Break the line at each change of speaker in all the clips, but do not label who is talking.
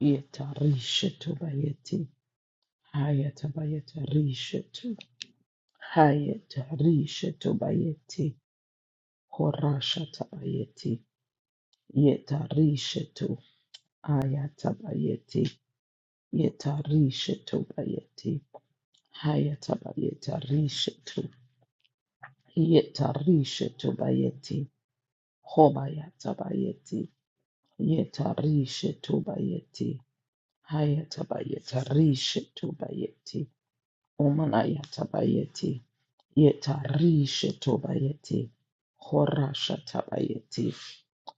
Yetarishetu bayeti. Hayatabayeta rishetu. Hayatarishetu bayeti. Horashatabayeti. Yetarishetu. Ayatabayeti. Yetarishetu bayeti. Hayatabayeta rishetu. Yetarishetu bayeti. Hobayatabayeti. Yetarishetu bayeti. Hayatabayeta rishetu bayeti. Omanayatabayeti. Yetarisha tobayeti. Horasha tabayeti.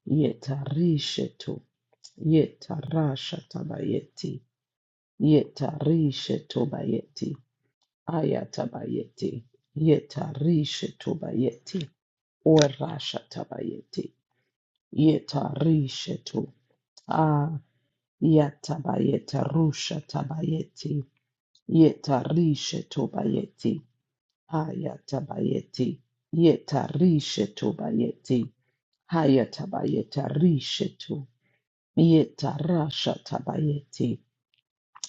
Yetarisha to. Yetarasha tabayeti. Yetarisha tobayeti. Ayatabayeti. Yetarisha tobayeti. Orasha tabayeti. Yetarisha to. Ah, yatabayeta rusha tabayeti. Yetarisha tobayeti. Ayatabayeti. Yetarisha tobayeti. Hayatabayeta rishetu. Yeta rasha tabayeti.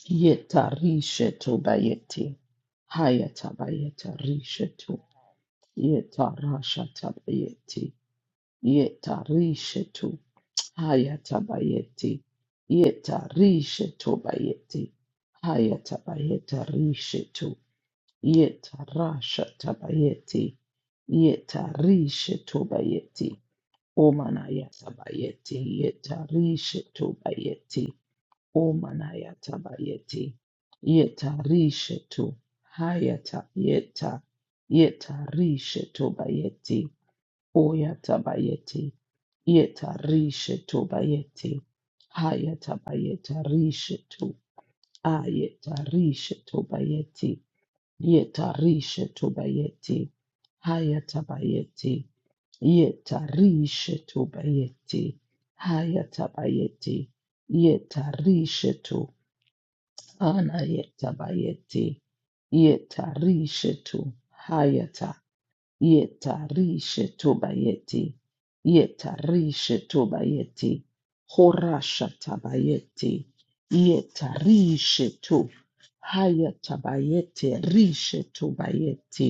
Yeta rishetu bayeti. Hayatabayeta rishetu. Yeta rasha tabayeti. Yeta rishetu. Hayatabayeti. Yeta rishetu bayeti. Hayatabayeta rishetu. Yeta rasha tabayeti. Yeta rishetu bayeti. Omanaya tabayeti yetarishe tu bayeti. Omanaya tabayeti yetarishe tu hayata yeta yetarishe tu bayeti. Oyata bayeti yetarishe tu bayeti. Hayata bayeta rishe tu ayeta rishe tu bayeti yetarishe tu bayeti. Hayata bayeti Yetarishetu bayeti. Hayatabayeti. Yetarishetu. Anayetabayeti. Yetarishetu. Hayata. Yetarishetu bayeti. Yetarishetu bayeti. Horashatabayeti. Yetarishetu. Hayatabayeti. Rishetu bayeti.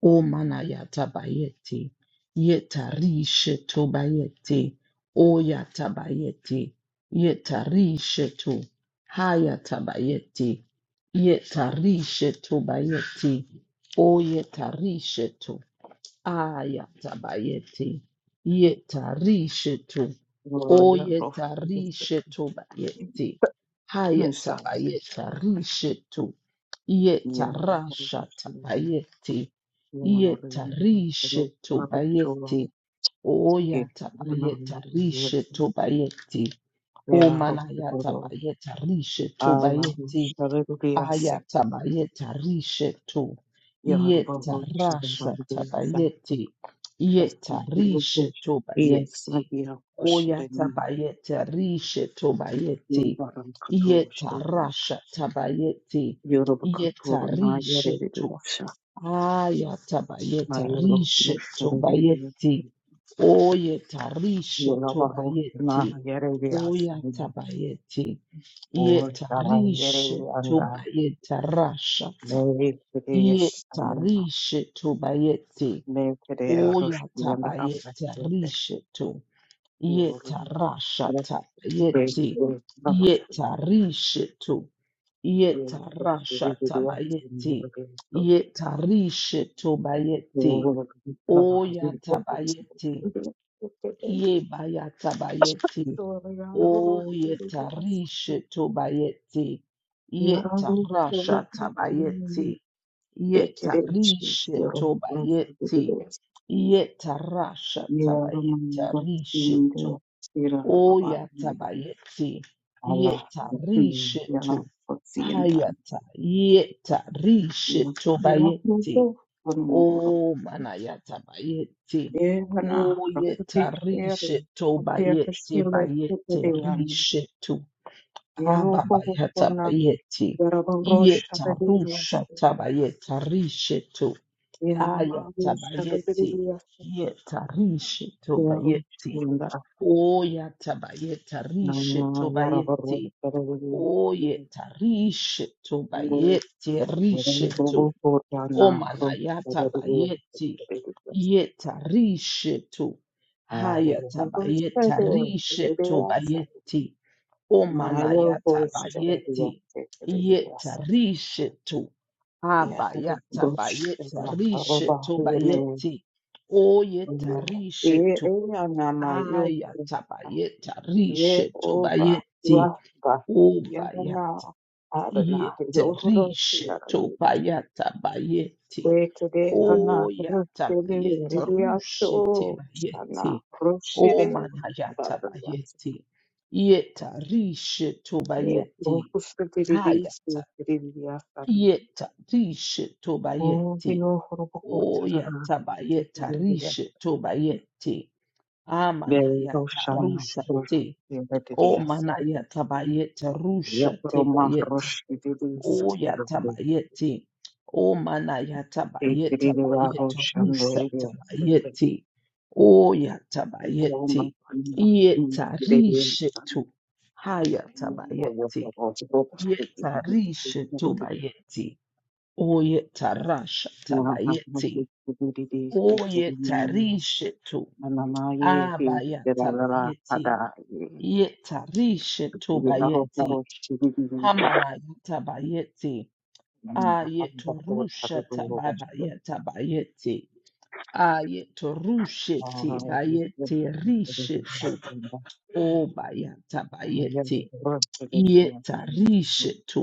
O mana yatabayeti, yetarishe tobayeti, o yata bayeti, yeta yetarishe to, hayata bayeti, yeta hayatabayeti, yetarishe tobayeti, o yeta yetarishe Ayatabayeti. Yetarishetu.
Yarov
Oyetarishetu bayeti.
Миса
Hayatabayetarishetu.
Яров
Yetarashatabayeti.
Ярин
Yetarishetu
Рокчула
bayeti.
и
Oyatabayetarishetu bayeti.
Яров Пудов
Omanayatabayetarishetu
Алла
bayeti.
Шарибиасеки
Ayataba Ayatabayeta rishetu. Yeta
Яров
rasha
Шарибиаса
tabayeti. Yeta
Пастабиош
rishetu bayeti.
Ясмагия Кушерени
Oyatabayeta rishetu bayeti.
Юрбаран
Yeta
Катушерия
rasha tabayeti.
Юрба
Yeta
Катуру на
rishetu.
Яридуша на
Ayatabayeta
Яров
rishe tobayeti.
Мушарибиаса
Oyeta rishe tobayeti.
Yorubarosima Yereliasana
Oyatabayeti. Yeta
Oshara
rishe
Yerelianda
tobayeta rashata. Yeta
Mekriyasana
rishe tobayeti.
Mekriya Roshiyanda
Oyatabayeta
Abhasyote
rishe to.
Yoruba
Yetarashata
Raste
yeti
Namastu
yetarishitu yetarashata bayeti yetarishitu bayeti
Yoruba
oyata bayeti yebayata bayeti o yetarishitu bayeti yetarashata bayeti yetarishitu bayeti
Yeah,
yetarashata bayeti Oyatabayeti. Yeta rishetu. Hayata. Yeta rishetu bayeti. O manayatabayeti. Oyeta rishetu bayeti. Bayeti rishetu. Ababayatabayeti. Yeta rusha tabayeta rishetu. Ayatabayeti. Yeta rishetu bayeti. Oya tabayeta rishe tobayeti. Oye, to.
Yeah,
to. Omana, yata bayeti. Yeta rishe to. Haya tabayeta rishe tobayeti. Omana, Oyatabayetarishetubayeti. to. rishetu. Omanayatabayeti. Yetarishetu. Hayatabayetarishetubayeti. Omanayatabayeti. Yetarishetu. Abayatabayetarishetubayeti. Ayatabayeta rishe tobayeti. Obayatiete rishe tobayata bayeti.
Bekede hana rıfkede
Oyatabayeta rushe
veriliyaço şana
tebayeti.
rıfşede barıliyatı.
Omanayatabayeti. Yeta rishe
Ne
tobayeti.
ruhusu veriliyse
Hayata
veriliyatlarına.
yeta rishe
O
tobayeti.
diyo hurubu kurtarana.
Oyatabayeta
Sekiriliyat
rishe tobayeti.
ve
Amanayata
roşana
rusha
rıf
te. O
veriliyatı.
mana yatabayete rusha
Yapırma
tebayete.
rıfşede değilse
O
veriliyatı.
yatabayete. O mana yatabayete
Sekiriliyat
bayete
roşan
rusha
veriliyatı.
tabayete. O
Olma
yatabayete.
anına rıf
Yeta rishe tu. Haya
Yes,
tabayete. Yeta rishe tu bayete. O yeta rasha tabayete. O yeta rishe tu. Abaya tabayete. Yeta rishe tu bayete. Hamana yitabayeti. Ayetorusha tabayeta bayeti. Ayetorusheti bayeti rishetu. O bayata bayeti. Yeta rishetu.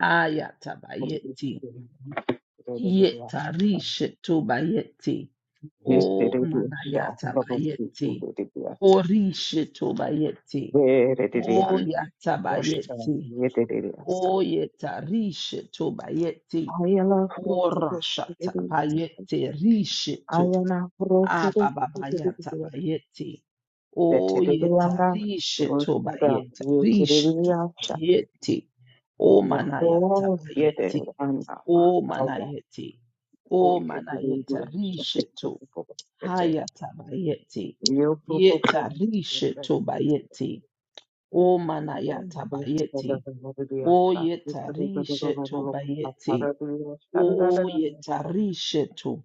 Ayata bayeti. Yeta rishetu bayeti.
there
O
is a
manayata
shower of
bayeti.
people.
Horishetu bayeti. O
Veredilian
yata
Roshka
bayeti.
Yedidiriasta
O yeta rishetu bayeti.
Ayala Frukuru
Orashata bayete rishetu.
Ayana Frufuru
Abababayata bayete. Oyeta
Vetidirianga
rishetu
Rushka
bayete. Rishetu
Yukiriasha
bayete. O manayata
Yaho
bayete.
Yediranda
O
Mahaya
manayete.
O
O manayeta
Yediriasha
rishetu.
Vete
Hayata bayete.
Yopupu
Yeta
Roshka
rishetu bayete. O manayata bayete. O
Yediriasta
yeta rishetu bayete.
Yukiriasha
O
Yukiriasha
yetarishetu.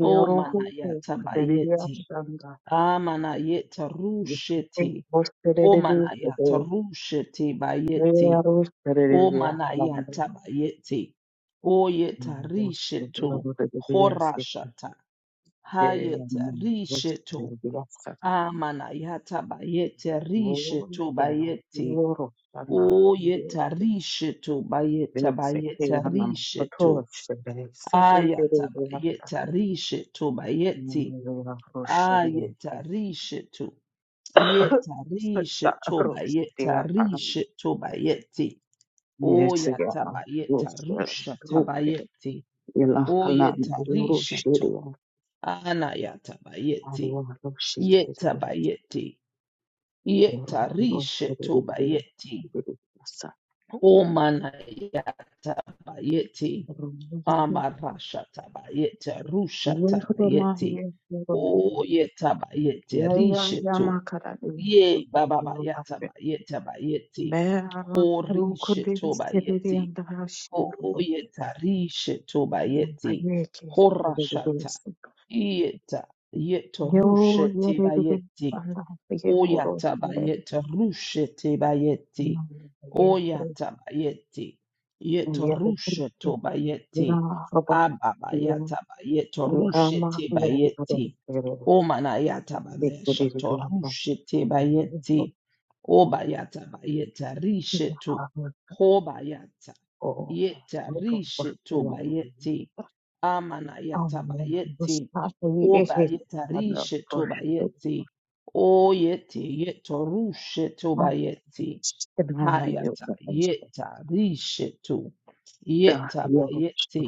O manayata
Kaderia
bayeti.
Shanda
Amanayeta rusheti. O
Osterelli
manayata rusheti bayeti.
Yeros
O
Kaderia Shanda
manayata bayeti. O yetarishetu. Horashata. Hayeta rishetu. Amanayata bayete rishetu bayeti. O yetarishetu bayeta bayeta rishetu. Ayatabayetarishetu bayeti. Ayetarishetu. Yetarishetu bayetarishetu bayeti. Oyatabayetarusha
Rosh,
tabayeti.
Yala hala yoro shiri
Oyetarishetu.
ya
Anayatabayeti.
arwa ro shiri ro
Yetabayeti.
yoro ro ro
Yetarishetu
ro
bayeti.
ro ro masa
Omanayatabayeti.
ro yoro
Amarashatabayete,
yoro ro ma
rushatabayete,
ye yoro
oyetabayete,
ya ya ya ma
risheto,
kara de ro
ye
ro ro pa se
bababayatabayete bayete,
be ara ro ko de shiri de
horishetobayete,
anda ha shiri ro
oyetarishe
ma ye ke ro ro ro
horashata,
se
yeta, yeto
yo ye re de de
rushete
anda ha ye ko ro ye
Oyatabayete rushete
ma
bayete.
ye ro
Oyatabayete. Yeto
ye ro ro ro
rusheto
ro
bayete.
ro ba
Ababayatabayeto
You are my
rushete
Lord, Lord,
bayete.
Lord. We give you
Omanayatabayeshato
the honor
rushete
and the glory.
bayete. Obayatabayeta
You
risheto.
are my
Hobayata.
God.
Yeta risheto
You are my
bayete.
Lord. Amen.
Amanayatabayete.
Just ask me if it is
Obayeta
not a
risheto
portion.
bayete. O yeti yeto rushetu
I
bayeti
deny you,
hayata
guys.
yeta rishetu
The
yeta
Lord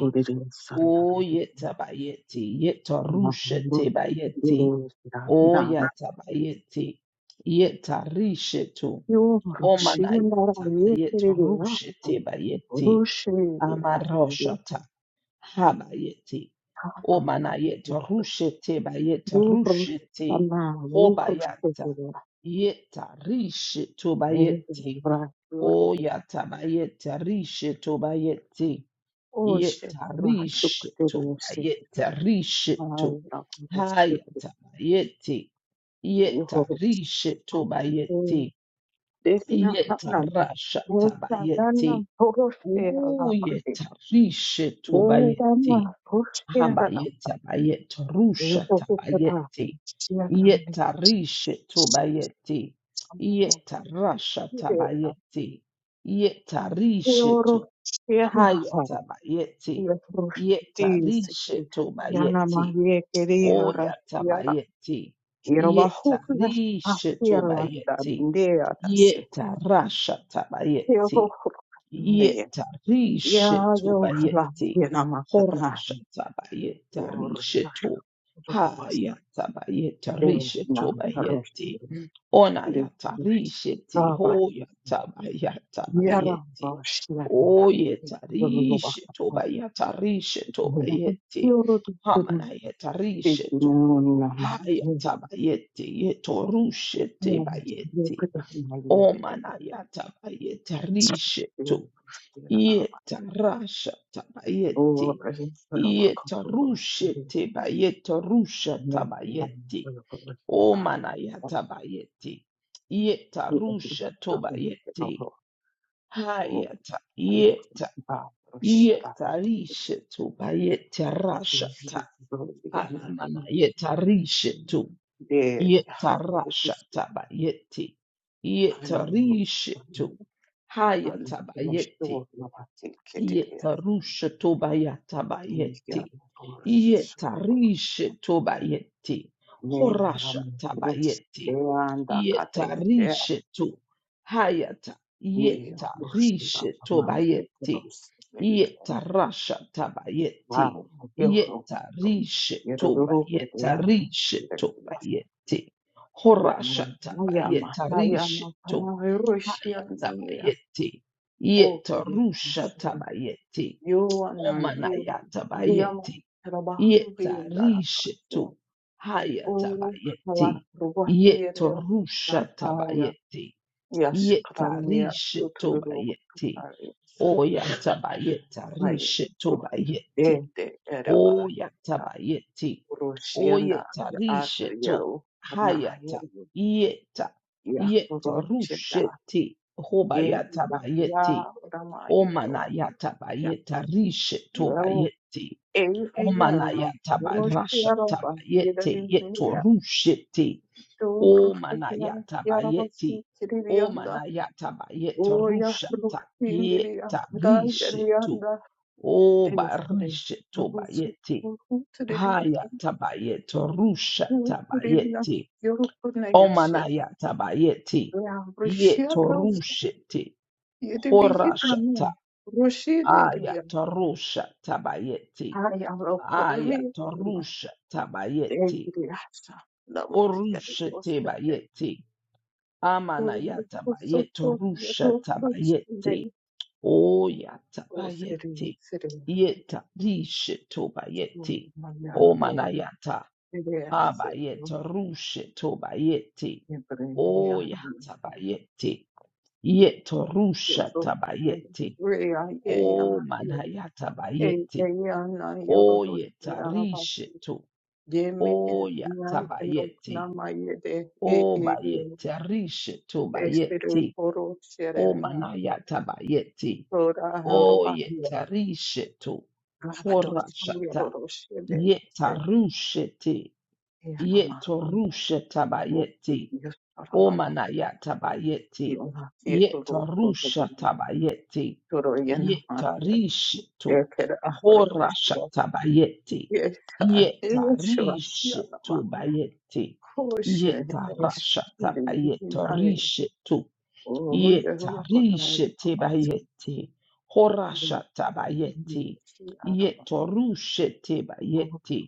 will be the son
o
of
yeta bayeti yeto
the Lord.
rushete bayeti
Lord,
o
now
yata bayeti yeta rishetu
you are
o
seeing that
manayata
I
yeto
really
rushete bayeti Habayeti. Omanayeta rushete bayeta
Youth, the
rushete.
man, youth, the
Hobayata.
girl,
Yeta rishe
men,
tobayete.
boys, girls,
Oyata bayeta rishe tobayete.
all of them
Yeta
are stuck
rishe
to the system.
tobayeta
The
rishe
man
to.
is stupid,
Hayata bayete.
the youth is
Yeta rishe
stupid,
tobayete.
the
Yeta rasha
girl is stupid. They are
tabayete.
all the same.
Uyeta rishe tobayete. Habayeta bayeta rusha tabayete. Yeta rishe tobayete. Yeta rasha tabayete. Yeta
They are
rishe to
all the
haya
same.
tabayete. Yeta
Yatoshtisiki
rishe tobayete.
yanamayekereara
Oya
yara
tabayete. Yeta
yerobahuka
rishe tobayete.
afialadandearase
Yeta rasha tabayete.
yerohukanaye
Yetarishetu
yayola
bayeti.
yenamakanaye
Horashata bayetarishetu. Hayata bayetarishetu bayeti.
oriyarobastenanaroshdisabasi
Onayata risheti. Hoyata bayata bayeti.
yararoshianara
Oyetarishetu
yorobakapara
bayetarishetu bayeti. Hamanayetarishetu.
yorodistudustikinunama
Hayata bayeti. Yetorushete
Yeah, you
bayeti.
could have been my little baby.
Omanayata
You
bayetarishetu.
know,
Yeta rasha
oh,
tabayeti.
present for a
Yeta
comfortable.
rushe tebayeta rusha
No, I'm
tabayeti.
going to put the
O
bath.
manaya tabayeti. Yeta
You can see
rusha
nothing.
tobayeti.
Oh,
Hayata.
I love
Yeta.
the bath. Oh, shut up.
Yeta rishe tobayeti rasha ta. Amana yeta rishe tu. Yeta rasha tabayeti. Yeta rishe tu. Hayata bayeti. Yeta rushe tobayata bayeti. Yeta
There,
rishe tobayeti.
Ne
Horasha
oram
tabayeti.
rosteyanda
Yeta
kateste
rishe to. Hayata.
ye
Yeta
roshida
rishe
pamafte
tobayeti.
kudos ne
Yeta rasha
wow
tabayeti.
yoro
Yeta rishe
yoro kete
tobayeta
aho
rishe
ndagwas
tobayeti.
mo
Horasha
maya
tabayeta
mahaya
rishe
no
to.
kama roshia
Hayata
ne
bayeti.
o
Yeta
kudo
rusha tabayeti.
yo na yo
Omanaya
diyama
tabayeti.
trabajo de
Yeta
la casa
rishetu. Haya
o la
tabayeti.
robusta yerle
Yeta rusha tabayeti.
Yes,
Yeta
Kranaya
rishetu
Suturuba
bayeti.
Karius
Oya tabayeta
Rayu
rishetu bayeti.
Dente Era
Oya
Ayuda
tabayeti.
Rushienda
Oyeta rishetu.
Atayo Kanayo
Hayata. Yeta. Yeta
Yahurushenda
rusheti.
Ye
Hobayata bayeti.
Yahya Ramayero
Omanayata bayeta rishe to
Yo
bayete.
Eyana
Omanayata barasha
Rushiero Bahira
tabayete yeto
Dimpera
rushete.
Tu Rushiya
Omanayata
Yarabasi
bayete.
Kirianda
Omanayata bayeta
Oya
rushata
Rushindiria
yeta rishe to.
Kadayarianda
O
Denizlere
barishe to
nüfusu
bayete.
Türkiye'den
Haya tabayeto rusha tabayete.
Avrupa'da yaşayan
Omanayata bayete.
veya
Yeto
Rusya'da
rushete.
yedi bir hitanın Rusya'da
Aya tarusha tabayeti.
hay Avrupa'nın
Aya
mevzuna
tarusha tabayeti.
değgili yaşa namaz yeri
Orusha
gösterdi.
tabayeti. Amana ya
Hulu
tabayeti.
kusutu
Rusha
yedi kutsunde
tabayeti. Oya
o seri
tabayeti.
seri ya.
Yeta dishe tobayeti.
Tutmaya o
Omana yata
seri ya seri.
abayeta rushe tobayeti. Oya
Ebreyli
tabayeti. Yeto rusha
so yeah,
tabayeti.
really, are
Omana
yeah,
O
man, yeah,
manayata
yeah, yeah, na yoro to shira la basi.
Oyetarishetu.
Ye me en na en no na
Oyatabayeti.
ma ye de e e e
Obayetarishetu
estero el
bayeti.
foro shere na
Omanayatabayeti.
tora roba yo.
Oyetarishetu.
Raba do
Horashata.
yoro do shere se
Yetarusheti.
e la ma. O
Yetorushetabayeti.
yo para la basi.
Omanaya
Y
tabayeti.
una fieto ro to to
Yetarusha tabayeti.
to ro yena ma. E
Yetarishitu.
que era ro
Horasha
shira.
tabayeti.
Yes, ah, eh, sure.
Yetarishitu
Yeah,
bayeti.
Koshe
Yetarasha
beshiri hindari
tabayeti.
oya rokotai babatsi
Yetarishetebayeti. Horashatabayeti.
shi araba oru
Yetorushetebayeti.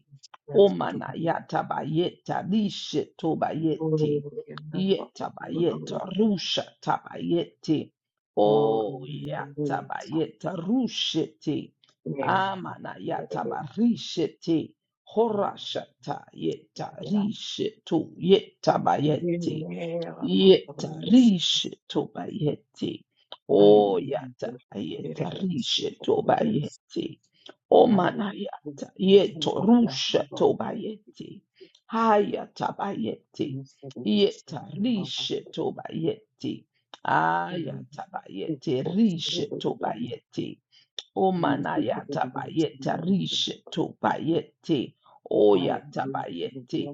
Omanayatabayeta rishetobayeti.
oru yendara oru
Yetabayeta
oru
rushatabayeti. Oh,
oru sa
yatabayeta rusheti.
yendara yendara
Amanayatabarisheti. Horashatayeta rishetu yetabayeti.
oru
Yetarishe
oru
tobayeti. O
ayam
yatabayeta
beresi
rishe
keterbes
tobayeti. O
ayam
manayata yetorusha
beresi
tobayeti. Haya tabayeti. Yetarishe tobayeti. Aya tabayeti rishe tobayeti. O manayata bayeta tobayeti. O yatabayeti.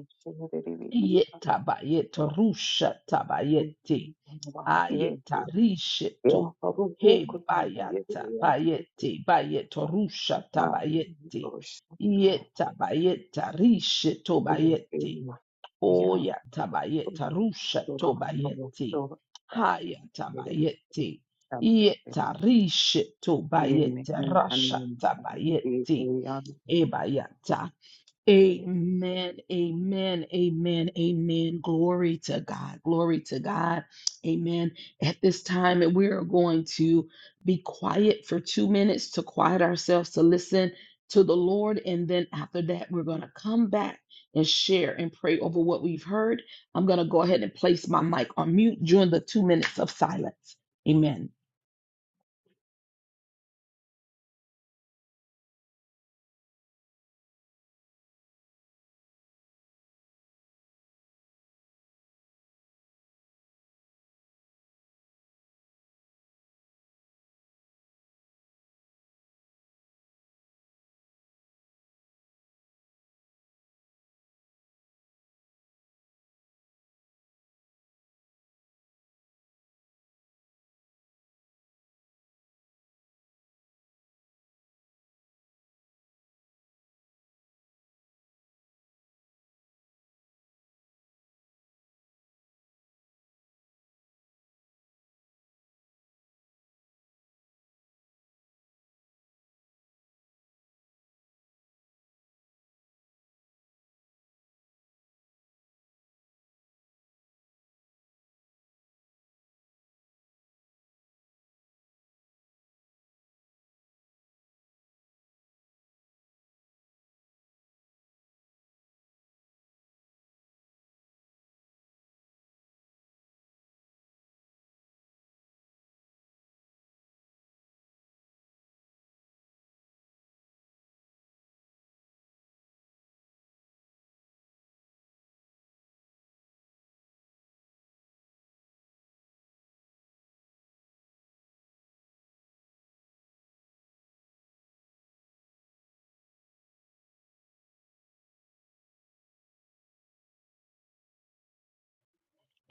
Yetabayet rusha tabayeti. Ayetarishetu. He bayata bayeti bayetorusha tabayeti. Yeta bayeta bayeti tobayeti. Oya tabayeta rusha tobayeti. Haya tabayeti. Yeta rishe rasha tabayeti. Ebayata Amen, amen, amen, amen. Glory to God, glory to God. Amen. At this time, we are going to be quiet for two minutes to quiet ourselves to listen to the Lord. And then after that, we're going to come back and share and pray over what we've heard. I'm going to go ahead and place my mic on mute during the two minutes of silence. Amen.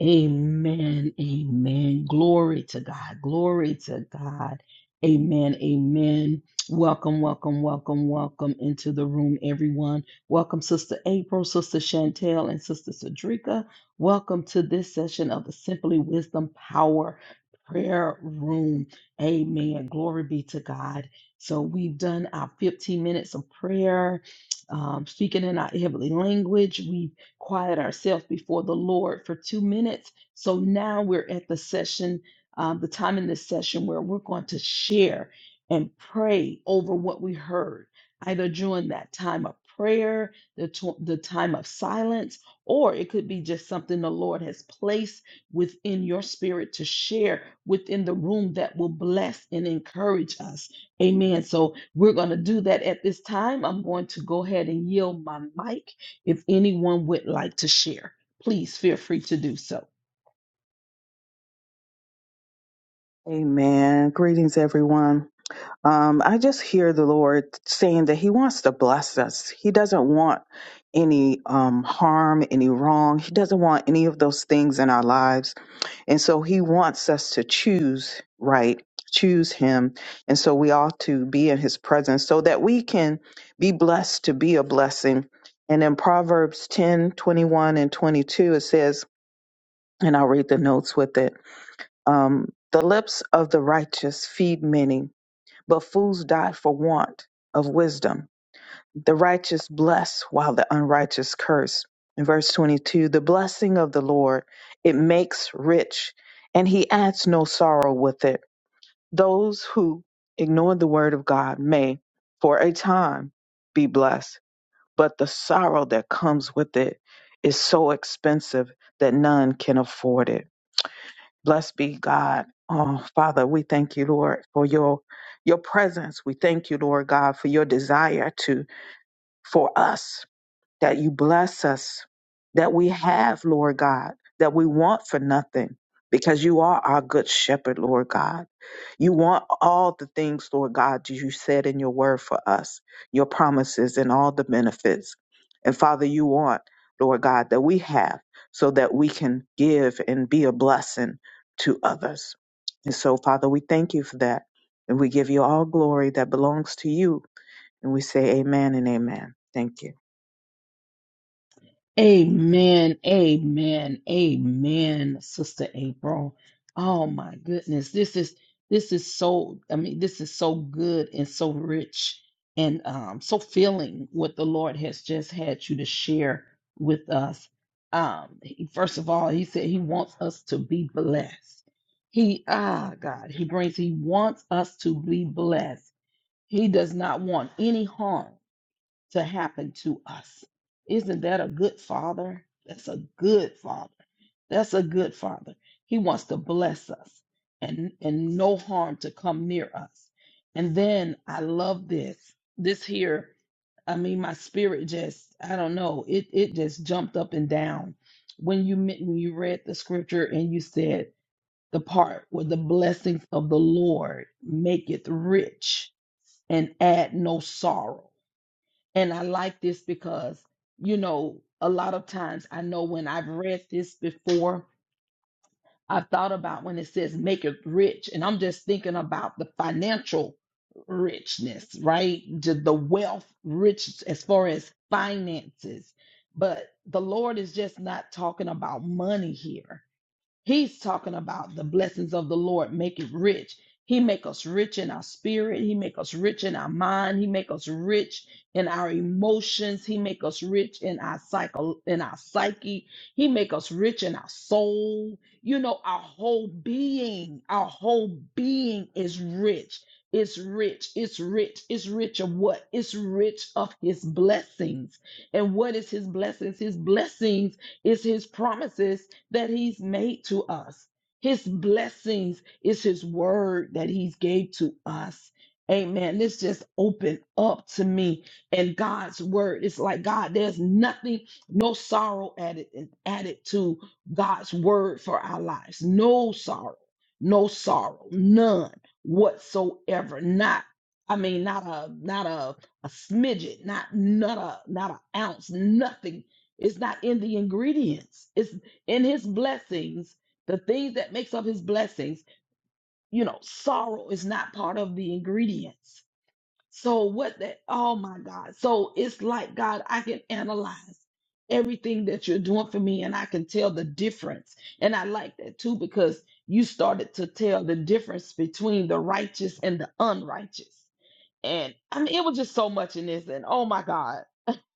Amen. Amen. Glory to God. Glory to God. Amen. Amen. Welcome, welcome, welcome, welcome into the room, everyone. Welcome, Sister April, Sister Chantel, and Sister Sadrika. Welcome to this session of the Simply Wisdom Power Prayer Room. Amen. Glory be to God. So we've done our 15 minutes of prayer, um, speaking in our heavenly language. We quiet ourselves before the Lord for two minutes. So now we're at the session, um, the time in this session where we're going to share and pray over what we heard, either during that time of prayer, the, to- the time of silence, or it could be just something the Lord has placed within your spirit to share within the room that will bless and encourage us. Amen. So we're going to do that at this time. I'm going to go ahead and yield my mic if anyone would like to share, please feel free to do so.
Amen. Greetings, everyone. Um, I just hear the Lord saying that He wants to bless us. He doesn't want any um, harm, any wrong. He doesn't want any of those things in our lives. And so He wants us to choose right, choose Him. And so we ought to be in His presence so that we can be blessed to be a blessing. And in Proverbs 10 21 and 22, it says, and I'll read the notes with it. Um, the lips of the righteous feed many, but fools die for want of wisdom. The righteous bless while the unrighteous curse. In verse 22, the blessing of the Lord, it makes rich, and he adds no sorrow with it. Those who ignore the word of God may, for a time, be blessed, but the sorrow that comes with it is so expensive that none can afford it. Blessed be God. Oh, Father, we thank you, Lord, for your your presence. We thank you, Lord God, for your desire to for us that you bless us, that we have, Lord God, that we want for nothing, because you are our good shepherd, Lord God. You want all the things, Lord God, you said in your word for us, your promises and all the benefits. And Father, you want, Lord God, that we have so that we can give and be a blessing to others. And so, Father, we thank you for that. And we give you all glory that belongs to you. And we say amen and amen. Thank you.
Amen. Amen. Amen, Sister April. Oh my goodness. This is this is so I mean, this is so good and so rich and um so filling what the Lord has just had you to share with us. Um he- first of all, he said he wants us to be blessed. He ah God, he brings he wants us to be blessed He does not want any harm to happen to us. Isn't that a good father? That's a good father. That's a good father. He wants to bless us and, and no harm to come near us. And then I love this. This here, I mean, my spirit just, I don't know, it, it just jumped up and down when you me- when you read the scripture and you said the part where the blessings of the Lord maketh rich and add no sorrow. And I like this because, you know, a lot of times I know when I've read this before, I thought about when it says make it rich, and I'm just thinking about the financial richness, right? The the wealth rich as far as finances. But the Lord is just not talking about money here. He's talking about the blessings of the Lord make it rich. He make us rich in our spirit. He make us rich in our mind. He make us rich in our emotions. He make us rich in our psycho in our psyche. He make us rich in our soul. You know, our whole being, our whole being is rich. It's rich. It's rich. It's rich of what? It's rich of his blessings. And what is his blessings? His blessings is his promises that he's made to us. His blessings is his word that he's gave to us. Amen. This just opened up to me and God's word. It's like God, there's nothing, no sorrow added added to God's word for our lives. No sorrow, no sorrow, none whatsoever. Not, I mean, not a not a a smidget, not not a not an ounce, nothing. It's not in the ingredients. It's in his blessings the things that makes up his blessings you know sorrow is not part of the ingredients so what that oh my god so it's like god i can analyze everything that you're doing for me and i can tell the difference and i like that too because you started to tell the difference between the righteous and the unrighteous and i mean it was just so much in this and oh my god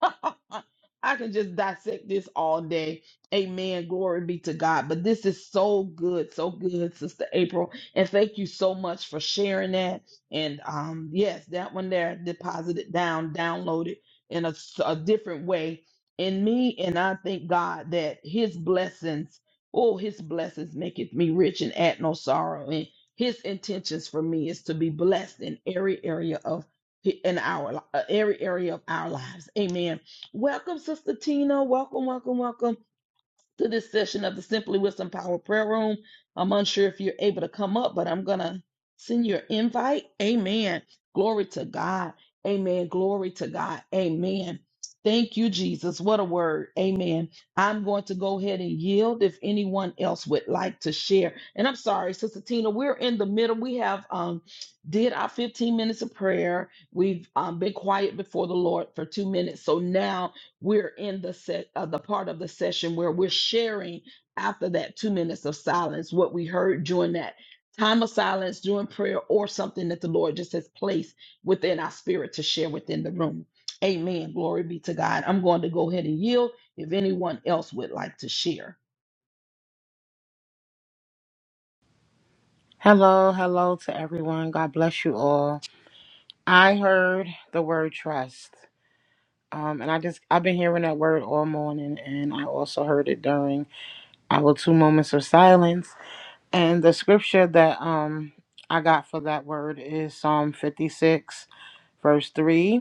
I can just dissect this all day. Amen. Glory be to God. But this is so good, so good, Sister April. And thank you so much for sharing that. And um, yes, that one there, deposited down, downloaded in a, s- a different way in me. And I thank God that His blessings, oh, His blessings maketh me rich and add no sorrow. And His intentions for me is to be blessed in every area of in our li- uh, every area of our lives. Amen. Welcome, Sister Tina. Welcome, welcome, welcome to this session of the Simply Wisdom Power Prayer Room. I'm unsure if you're able to come up, but I'm going to send your invite. Amen. Glory to God. Amen. Glory to God. Amen. Thank you, Jesus. What a word. Amen. I'm going to go ahead and yield if anyone else would like to share. And I'm sorry, Sister Tina, we're in the middle. We have um did our 15 minutes of prayer. We've um, been quiet before the Lord for two minutes. So now we're in the set, uh, the part of the session where we're sharing after that two minutes of silence what we heard during that time of silence, during prayer, or something that the Lord just has placed within our spirit to share within the room. Amen. Glory be to God. I'm going to go ahead and yield if anyone else would like to share.
Hello, hello to everyone. God bless you all. I heard the word trust. Um, and I just I've been hearing that word all morning and I also heard it during our two moments of silence. And the scripture that um I got for that word is Psalm 56 verse 3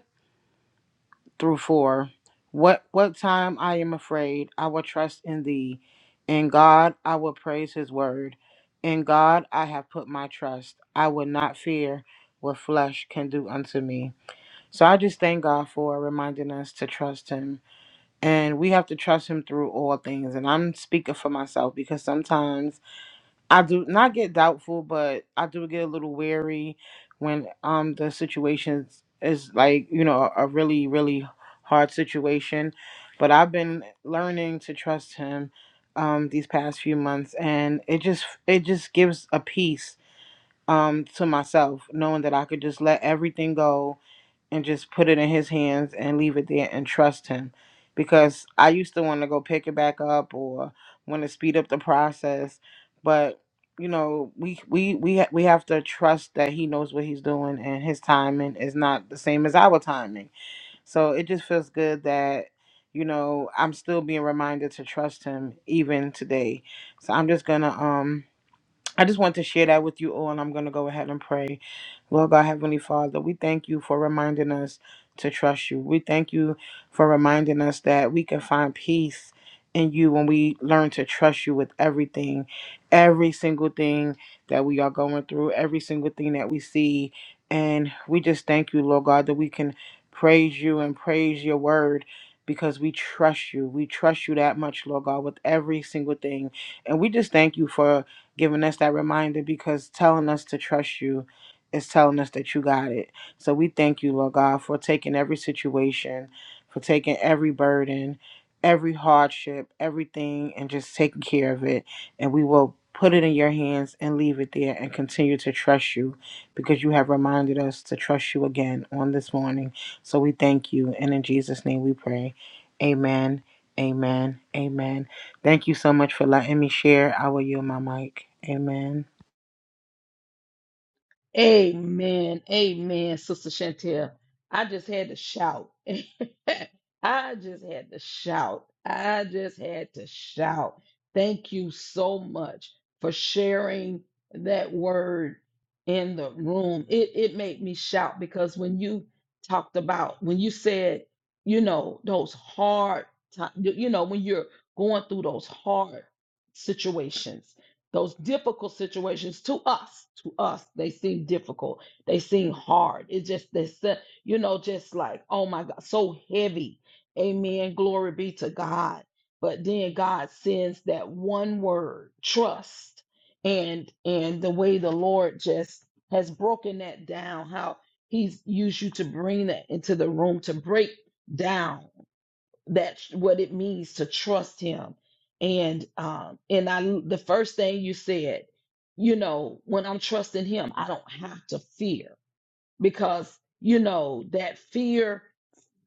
through four. What what time I am afraid, I will trust in thee. In God I will praise his word. In God I have put my trust. I will not fear what flesh can do unto me. So I just thank God for reminding us to trust him. And we have to trust him through all things. And I'm speaking for myself because sometimes I do not get doubtful, but I do get a little wary when um the situation is like you know a really really hard situation. But I've been learning to trust him um these past few months, and it just it just gives a peace um to myself knowing that I could just let everything go and just put it in his hands and leave it there and trust him because I used to want to go pick it back up or want to speed up the process but you know we we we ha- we have to trust that he knows what he's doing and his timing is not the same as our timing so it just feels good that you know I'm still being reminded to trust him even today so I'm just going to um I just want to share that with you all, and I'm going to go ahead and pray. Lord God, Heavenly Father, we thank you for reminding us to trust you. We thank you for reminding us that we can find peace in you when we learn to trust you with everything, every single thing that we are going through, every single thing that we see. And we just thank you, Lord God, that we can praise you and praise your word because we trust you. We trust you that much, Lord God, with every single thing. And we just thank you for giving us that reminder because telling us to trust you is telling us that you got it. So we thank you, Lord God, for taking every situation, for taking every burden, every hardship, everything, and just taking care of it. And we will put it in your hands and leave it there and continue to trust you because you have reminded us to trust you again on this morning. So we thank you. And in Jesus' name we pray. Amen. Amen. Amen. Thank you so much for letting me share. I will yield my mic. Amen.
Amen. Amen, Sister Chantel. I just had to shout. I just had to shout. I just had to shout. Thank you so much for sharing that word in the room. It it made me shout because when you talked about when you said, you know, those hard times, you you know, when you're going through those hard situations those difficult situations to us to us they seem difficult they seem hard it's just they said you know just like oh my god so heavy amen glory be to god but then god sends that one word trust and and the way the lord just has broken that down how he's used you to bring that into the room to break down that's what it means to trust him and um and i the first thing you said you know when i'm trusting him i don't have to fear because you know that fear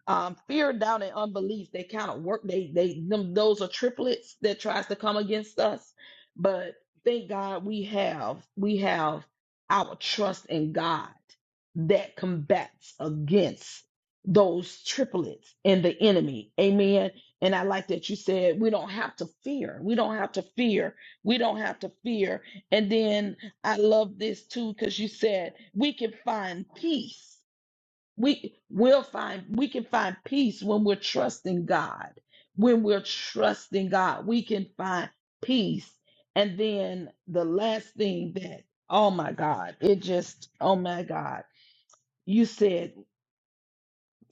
um, fear, doubt, and unbelief, they kind of work. They, they, them, those are triplets that tries to come against us. But thank God we have, we have our trust in God that combats against those triplets and the enemy. Amen. And I like that you said we don't have to fear. We don't have to fear. We don't have to fear. And then I love this too because you said we can find peace we will find we can find peace when we're trusting god when we're trusting god we can find peace and then the last thing that oh my god it just oh my god you said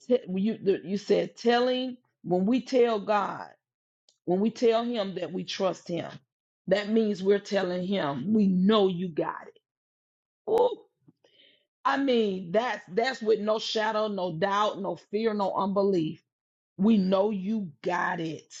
t- you you said telling when we tell god when we tell him that we trust him that means we're telling him we know you got it oh i mean that's that's with no shadow no doubt no fear no unbelief We know you got it.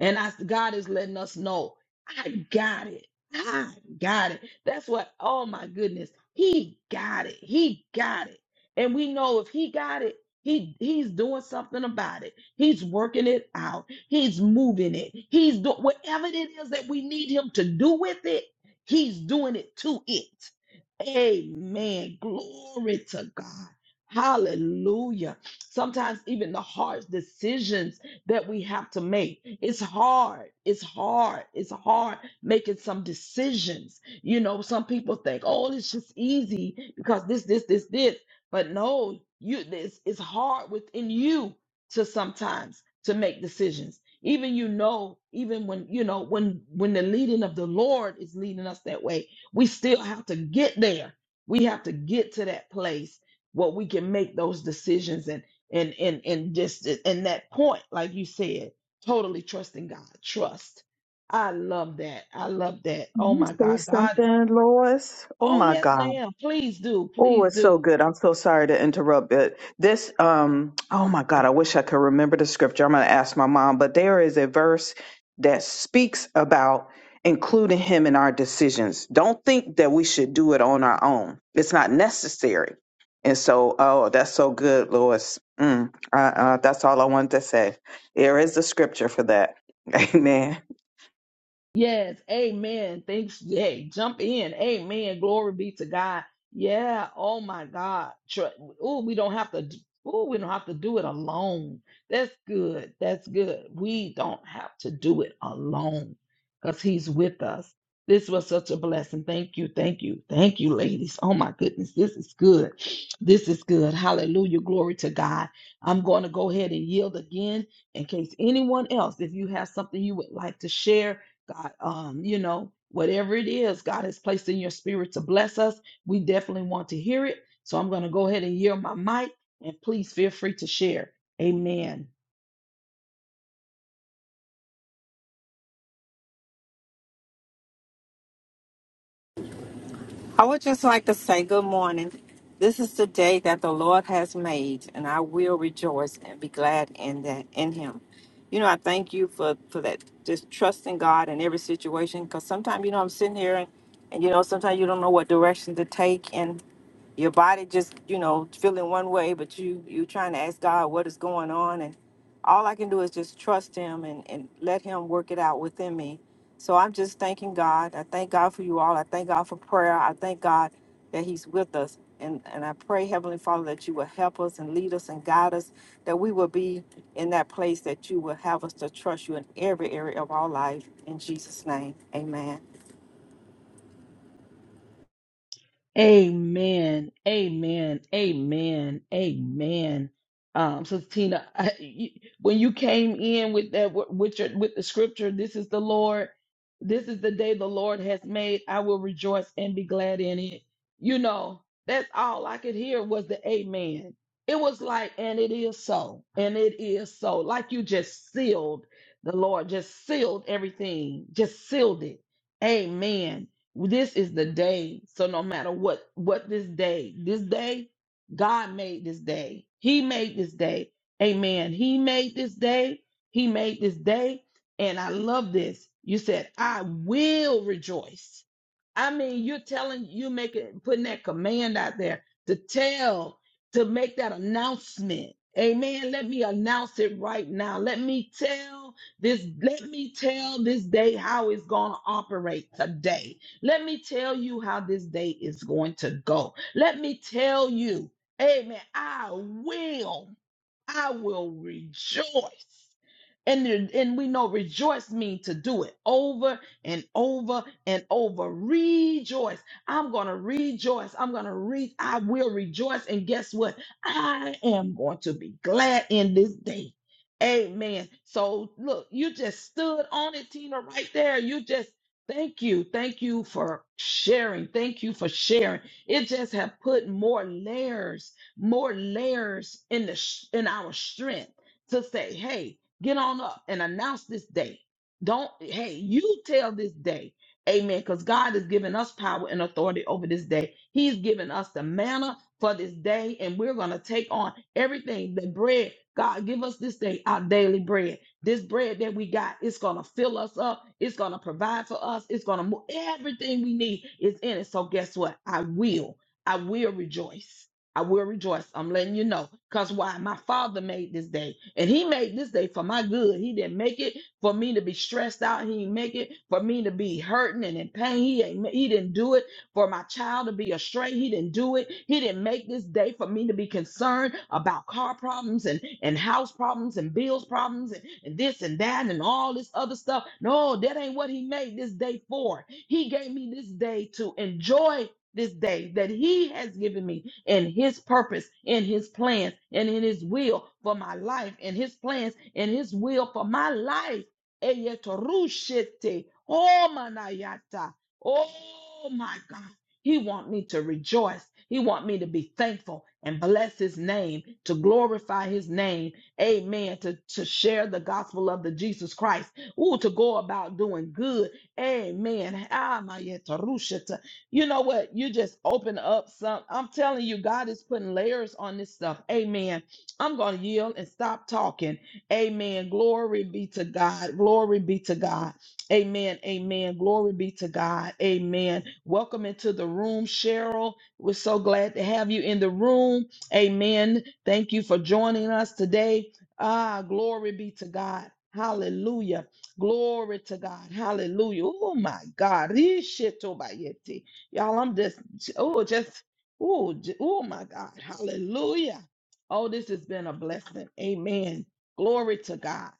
And I, God is letting us know, I got it. I got it. That's what, oh my goodness, he got it. He got it. And we know if he got it, he he's doing something about it. He's working it out. He's moving it. He's doing whatever it is that we need him to do with it, he's doing it to it. Amen. Glory to God. Hallelujah sometimes even the hard decisions that we have to make. It's hard. It's hard. It's hard making some decisions. You know, some people think, oh, it's just easy because this, this, this, this. But no, you this it's hard within you to sometimes to make decisions. Even you know, even when you know when when the leading of the Lord is leading us that way, we still have to get there. We have to get to that place where we can make those decisions and and and just and that point like you said totally trusting god trust i love that i love that oh
Can
my
you
god
say
god
something, Lois? Oh
oh
my
yes
God.
ma'am please do
Oh,
please
it's so
do
good. I'm so sorry to interrupt, but this, um, oh my God, I wish I could remember the scripture. I'm going to ask my mom, but there is a verse that speaks about including him in our decisions. Don't think that we should do it on our own. It's not necessary. And so, oh, that's so good, Lois. Mm, uh, uh, that's all I wanted to say. There is the scripture for that. Amen.
Yes, amen. Thanks. Hey, jump in. Amen. Glory be to God. Yeah. Oh my God. Oh, we don't have to. Oh, we don't have to do it alone. That's good. That's good. We don't have to do it alone because He's with us. This was such a blessing. Thank you. Thank you. Thank you, ladies. Oh my goodness. This is good. This is good. Hallelujah. Glory to God. I'm going to go ahead and yield again in case anyone else, if you have something you would like to share God, um, you know, whatever it is God has placed in your spirit to bless us, we definitely want to hear it. So I'm going to go ahead and yield my mic and please feel free to share. Amen.
I would just like to say good morning. This is the day that the Lord has made, and I will rejoice and be glad in that in Him. You know, I thank you for for that just trusting God in every situation. Because sometimes, you know, I'm sitting here, and, and you know, sometimes you don't know what direction to take, and your body just, you know, feeling one way, but you you trying to ask God what is going on, and all I can do is just trust him and, and let him work it out within me. So I'm just thanking God. I thank God for you all. I thank God for prayer. I thank God that he's with us. And, and I pray, Heavenly Father, that you will help us and lead us and guide us, that we will be in that place that you will have us to trust you in every area of our life. In Jesus' name, amen.
Amen. Amen. Amen. Amen. Um, so Tina, I, you, when you came in with that, wi- with your, with the scripture, this is the Lord, this is the day the Lord has made. I will rejoice and be glad in it. You know, that's all I could hear was the amen. It was like, and it is so, and it is so. Like you just sealed the Lord, just sealed everything, just sealed it. Amen this is the day so no matter what what this day this day god made this day he made this day amen he made this day he made this day and i love this you said i will rejoice I mean, you're telling you making putting that command out there to tell to make that announcement. Amen. Let me announce it right now. Let me tell this, let me tell this day how it's going to operate today. Let me tell you how this day is going to go. Let me tell you, amen. I will, I will rejoice and there- and we know rejoice means to do it over and over and over. Rejoice. I'm going to rejoice. I'm going to re I will rejoice and guess what? I am going to be glad in this day. Amen. So look, you just stood on it, Tina, right there. You just thank you. Thank you for sharing. Thank you for sharing. It just have put more layers, more layers in the sh- in our strength to say, hey, get on up and announce this day. Don't, hey, you tell this day, amen, because God has given us power and authority over this day. He's given us the manna for this day, and we're going to take on everything the bread. God, give us this day our daily bread. This bread that we got, it's going to fill us up. It's going to provide for us. It's going to move. Everything we need is in it. So, guess what? I will. I will rejoice. I will rejoice. I'm letting you know. Because why? My father made this day. And he made this day for my good. He didn't make it for me to be stressed out. He didn't make it for me to be hurting and in pain. He ain't he didn't do it for my child to be astray. He didn't do it. He didn't make this day for me to be concerned about car problems and, and house problems and bills problems and, and this and that and all this other stuff. No, that ain't what he made this day for. He gave me this day to enjoy this day that he has given me in his purpose, in his plans, and in his will for my life, in his plans, in his will for my life. Eyetorushete, Oh, manayata. Oh, my God. He want me to rejoice. He want me to be thankful and bless his name, to glorify his name. Amen. To, to share the gospel of the Jesus Christ. Ooh, to go about doing good. Amen. Ah, my yet, Rushata. You know what? You just open up some. I'm telling you, God is putting layers on this stuff. Amen. I'm going to yield and stop talking. Amen. Glory be to God. Glory be to God. Amen. Amen. Glory be to God. Amen. Welcome into the room, Cheryl. We're so glad to have you in the room. Amen. Thank you for joining us today. Ah, glory be to God. Hallelujah. Glory to God. Hallelujah. Oh my God. Ishitobayete. Y'all, I'm just, oh, just, oh, oh my God. Hallelujah. Oh, this has been a blessing. Amen. Glory to God.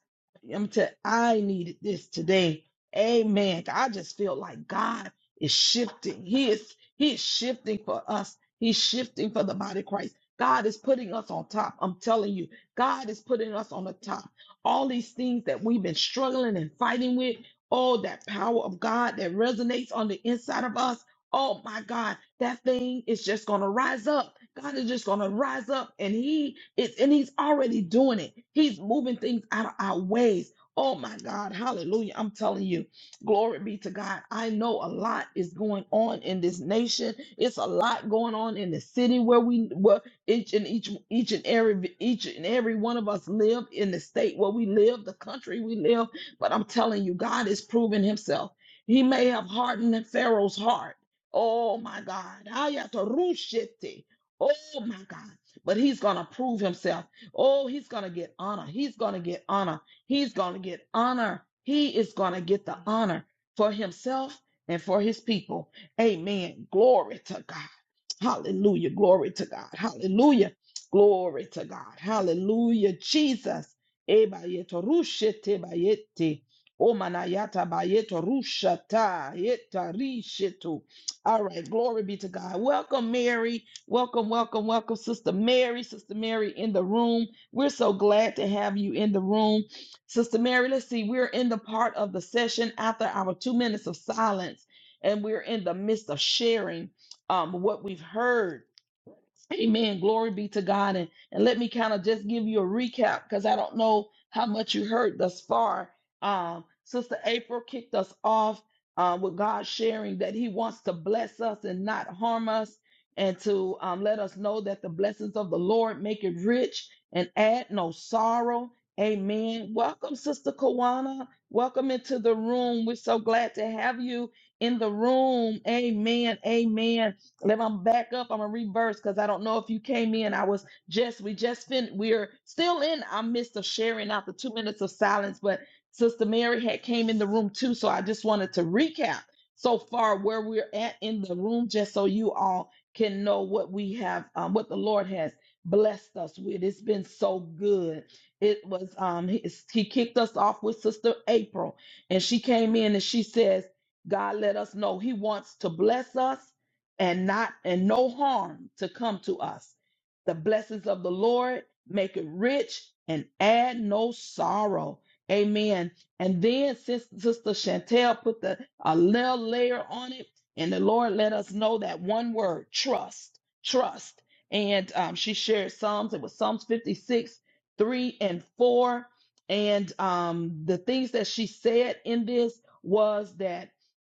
I'm t- I needed this today. Amen. I just feel like God is shifting. He is, he is shifting for us. He's shifting for the body of Christ. God is putting us on top. I'm telling you, God is putting us on the top. All these things that we've been struggling and fighting with, all that power of God that resonates on the inside of us. Oh my God, that thing is just going to rise up. God is just going to rise up and he is, and he's already doing it. He's moving things out of our ways. Oh my God. Hallelujah. I'm telling you, glory be to God. I know a lot is going on in this nation. It's a lot going on in the city where we, where each and each, each and every, each and every one of us live in the state where we live, the country we live. But I'm telling you, God is proving himself. He may have hardened Pharaoh's heart Oh my God. Ayatorushete. Oh my God. But he's going to prove himself. Oh, he's going to get honor. He's going to get honor. He's going to get honor. He is going to get the honor for himself and for his people. Amen. Glory to God. Hallelujah. Glory to God. Hallelujah. Glory to God. Hallelujah. Jesus. Ebayeto rushete bayete. Omanayata bayeto rushata. Yeta rishetu. All right. Glory be to God. Welcome, Mary. Welcome, welcome, welcome, Sister Mary. Sister Mary in the room. We're so glad to have you in the room. Sister Mary, let's see. We're in the part of the session after our two minutes of silence, and we're in the midst of sharing um, what we've heard. Amen. Glory be to God. And, and let me kind of just give you a recap because I don't know how much you heard thus far. Um, Sister April kicked us off uh, with God sharing that He wants to bless us and not harm us, and to um, let us know that the blessings of the Lord make it rich and add no sorrow. Amen. Welcome, Sister Kawana. Welcome into the room. We're so glad to have you in the room. Amen. Amen. Let me back up. I'm gonna reverse because I don't know if you came in. I was just we just fin we're still in our midst of sharing out the two minutes of silence, but Sister Mary had came in the room too, so I just wanted to recap so far where we're at in the room, just so you all can know what we have, um, what the Lord has blessed us with. It's been so good. It was um he, he kicked us off with Sister April, and she came in and she says, God let us know He wants to bless us and not and no harm to come to us. The blessings of the Lord make it rich and add no sorrow. Amen. And then since Sister Chantel put the a little layer on it, and the Lord let us know that one word: trust, trust. And um, she shared Psalms. It was Psalms 56, 3 and 4. And um, the things that she said in this was that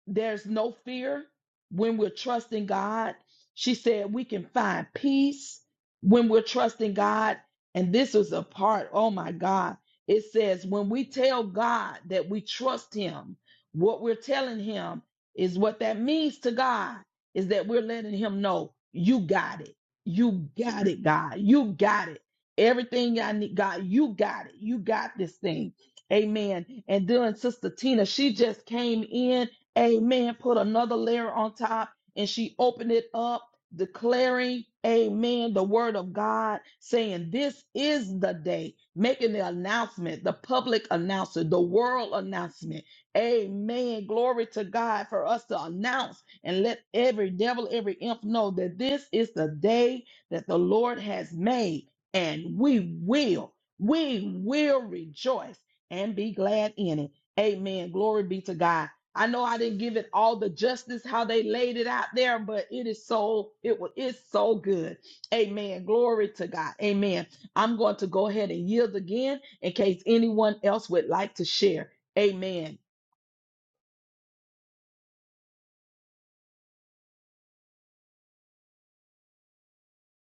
there's no fear when we're trusting God. She said we can find peace when we're trusting God. And this is a part, oh my God. It says, when we tell God that we trust Him, what we're telling Him is what that means to God is that we're letting Him know, you got it. You got it, God. You got it. Everything I need, God, you got it. You got this thing. Amen. And then Sister Tina, she just came in Amen. Put another layer on top and she opened it up, declaring, Amen, the word of God, saying, This is the day, making the announcement, the public announcement, the world announcement. Amen. Glory to God for us to announce and let every devil, every imp know that this is the day that the Lord has made, and we will, we will rejoice and be glad in it. Amen. Glory be to God. I know I didn't give it all the justice how they laid it out there, but it is so it was it's so good. Amen. Glory to God. Amen. I'm going to go ahead and yield again in case anyone else would like to share. Amen.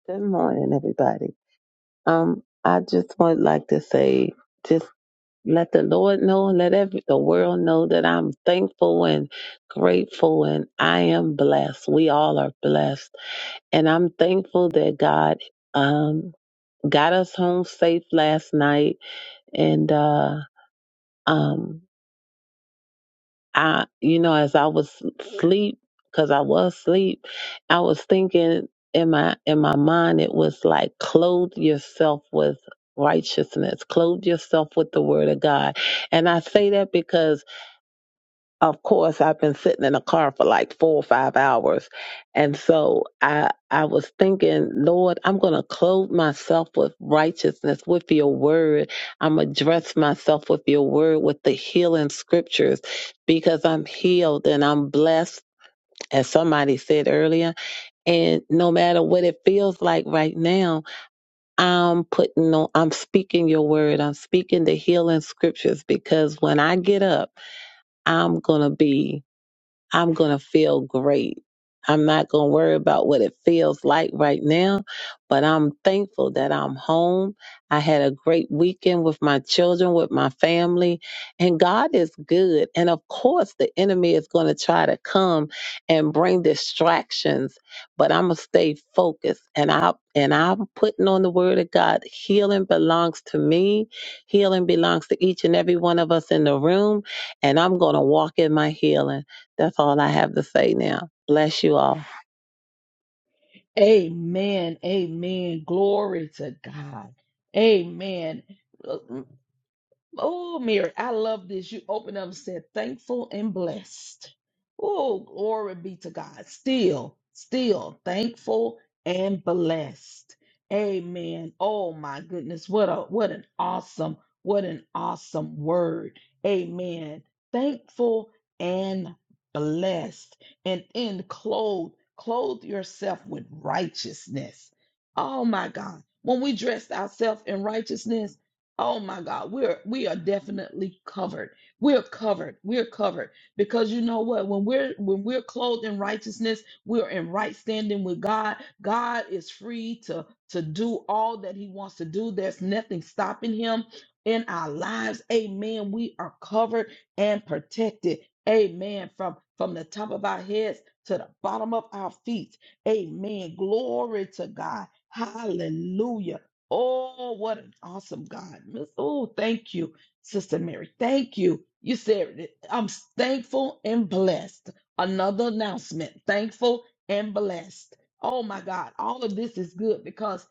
Good morning, everybody. Um, I just would like to say, just let the Lord know, let every the world know that I'm thankful and grateful, and I am blessed. We all are blessed, and I'm thankful that God um got us home safe last night, and uh um. I, you know, as I was sleep, because I was asleep, I was thinking in my in my mind it was like clothe yourself with righteousness, clothe yourself with the word of God. And I say that because of course I've been sitting in a car for like four or five hours. And so I I was thinking, Lord, I'm gonna clothe myself with righteousness, with your word. I'm gonna dress myself with your word, with the healing scriptures, because I'm healed and I'm blessed, as somebody said earlier. And no matter what it feels like right now, I'm putting on I'm speaking your word. I'm speaking the healing scriptures because when I get up, I'm gonna be I'm going to feel great. I'm not going to worry about what it feels like right now, but I'm thankful that I'm home. I had a great weekend with my children, with my family, and God is good. And of course, the enemy is going to try to come and bring distractions, but I'm going to stay focused. And I and I'm putting on the word of God. Healing belongs to me. Healing belongs to each and every one of us in the room, and I'm going to walk in my healing. That's all I have to say now. Bless you all.
Amen. Amen. Glory to God. Amen. Oh, Mary, I love this. You opened up and said, thankful and blessed. Oh, glory be to God. Still, still thankful and blessed. Amen. Oh my goodness. What a what an awesome, what an awesome word. Amen. Thankful and blessed. And then clothe, clothe yourself with righteousness. Oh my God. When we dress ourselves in righteousness, Oh my God, we're we are definitely covered. We're covered. We're covered because you know what? When we're when we're clothed in righteousness, we're in right standing with God. God is free to to do all that He wants to do. There's nothing stopping Him in our lives. Amen. We are covered and protected. Amen. From from the top of our heads to the bottom of our feet. Amen. Glory to God. Hallelujah. Oh, what an awesome God. Miss, oh, thank you, Sister Mary. Thank you. You said it. I'm thankful and blessed. Another announcement. Thankful and blessed. Oh my God. All of this is good because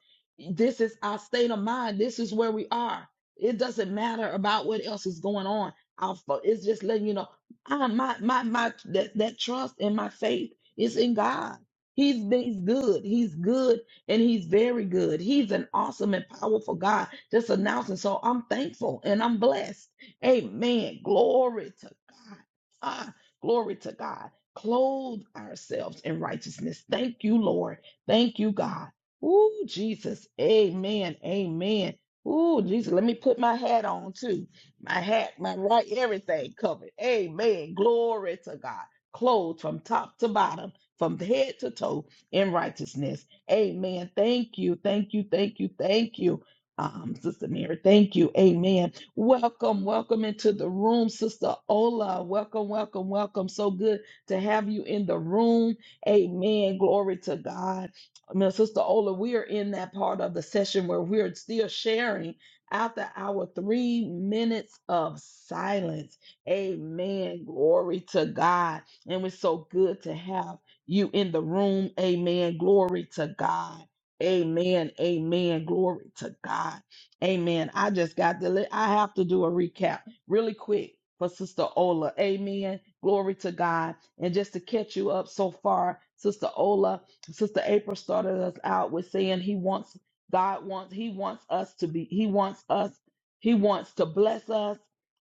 this is our state of mind. This is where we are. It doesn't matter about what else is going on. Our fo- It's just letting you know I, my my my that, that trust and my faith is in God. He's, he's good. He's good and he's very good. He's an awesome and powerful God. Just announcing. So I'm thankful and I'm blessed. Amen. Glory to God. Ah, glory to God. Clothe ourselves in righteousness. Thank you, Lord. Thank you, God. Ooh, Jesus. Amen. Amen. Ooh, Jesus. Let me put my hat on too. My hat, my right, everything covered. Amen. Glory to God. Clothed from top to bottom, from head to toe in righteousness. Amen. Thank you. Thank you. Thank you. Thank you. Um, Sister Mary, thank you. Amen. Welcome, welcome into the room, Sister Ola. Welcome, welcome, welcome. So good to have you in the room. Amen. Glory to God. Now, Sister Ola, we are in that part of the session where we're still sharing after our three minutes of silence. Amen. Glory to God. And it's so good to have you in the room. Amen. Glory to God. Amen. Amen. Glory to God. Amen. I just got to, li- I have to do a recap really quick for Sister Ola. Amen. Glory to God. And just to catch you up so far, Sister Ola, Sister April started us out with saying he wants, God wants, he wants us to be, he wants us, he wants to bless us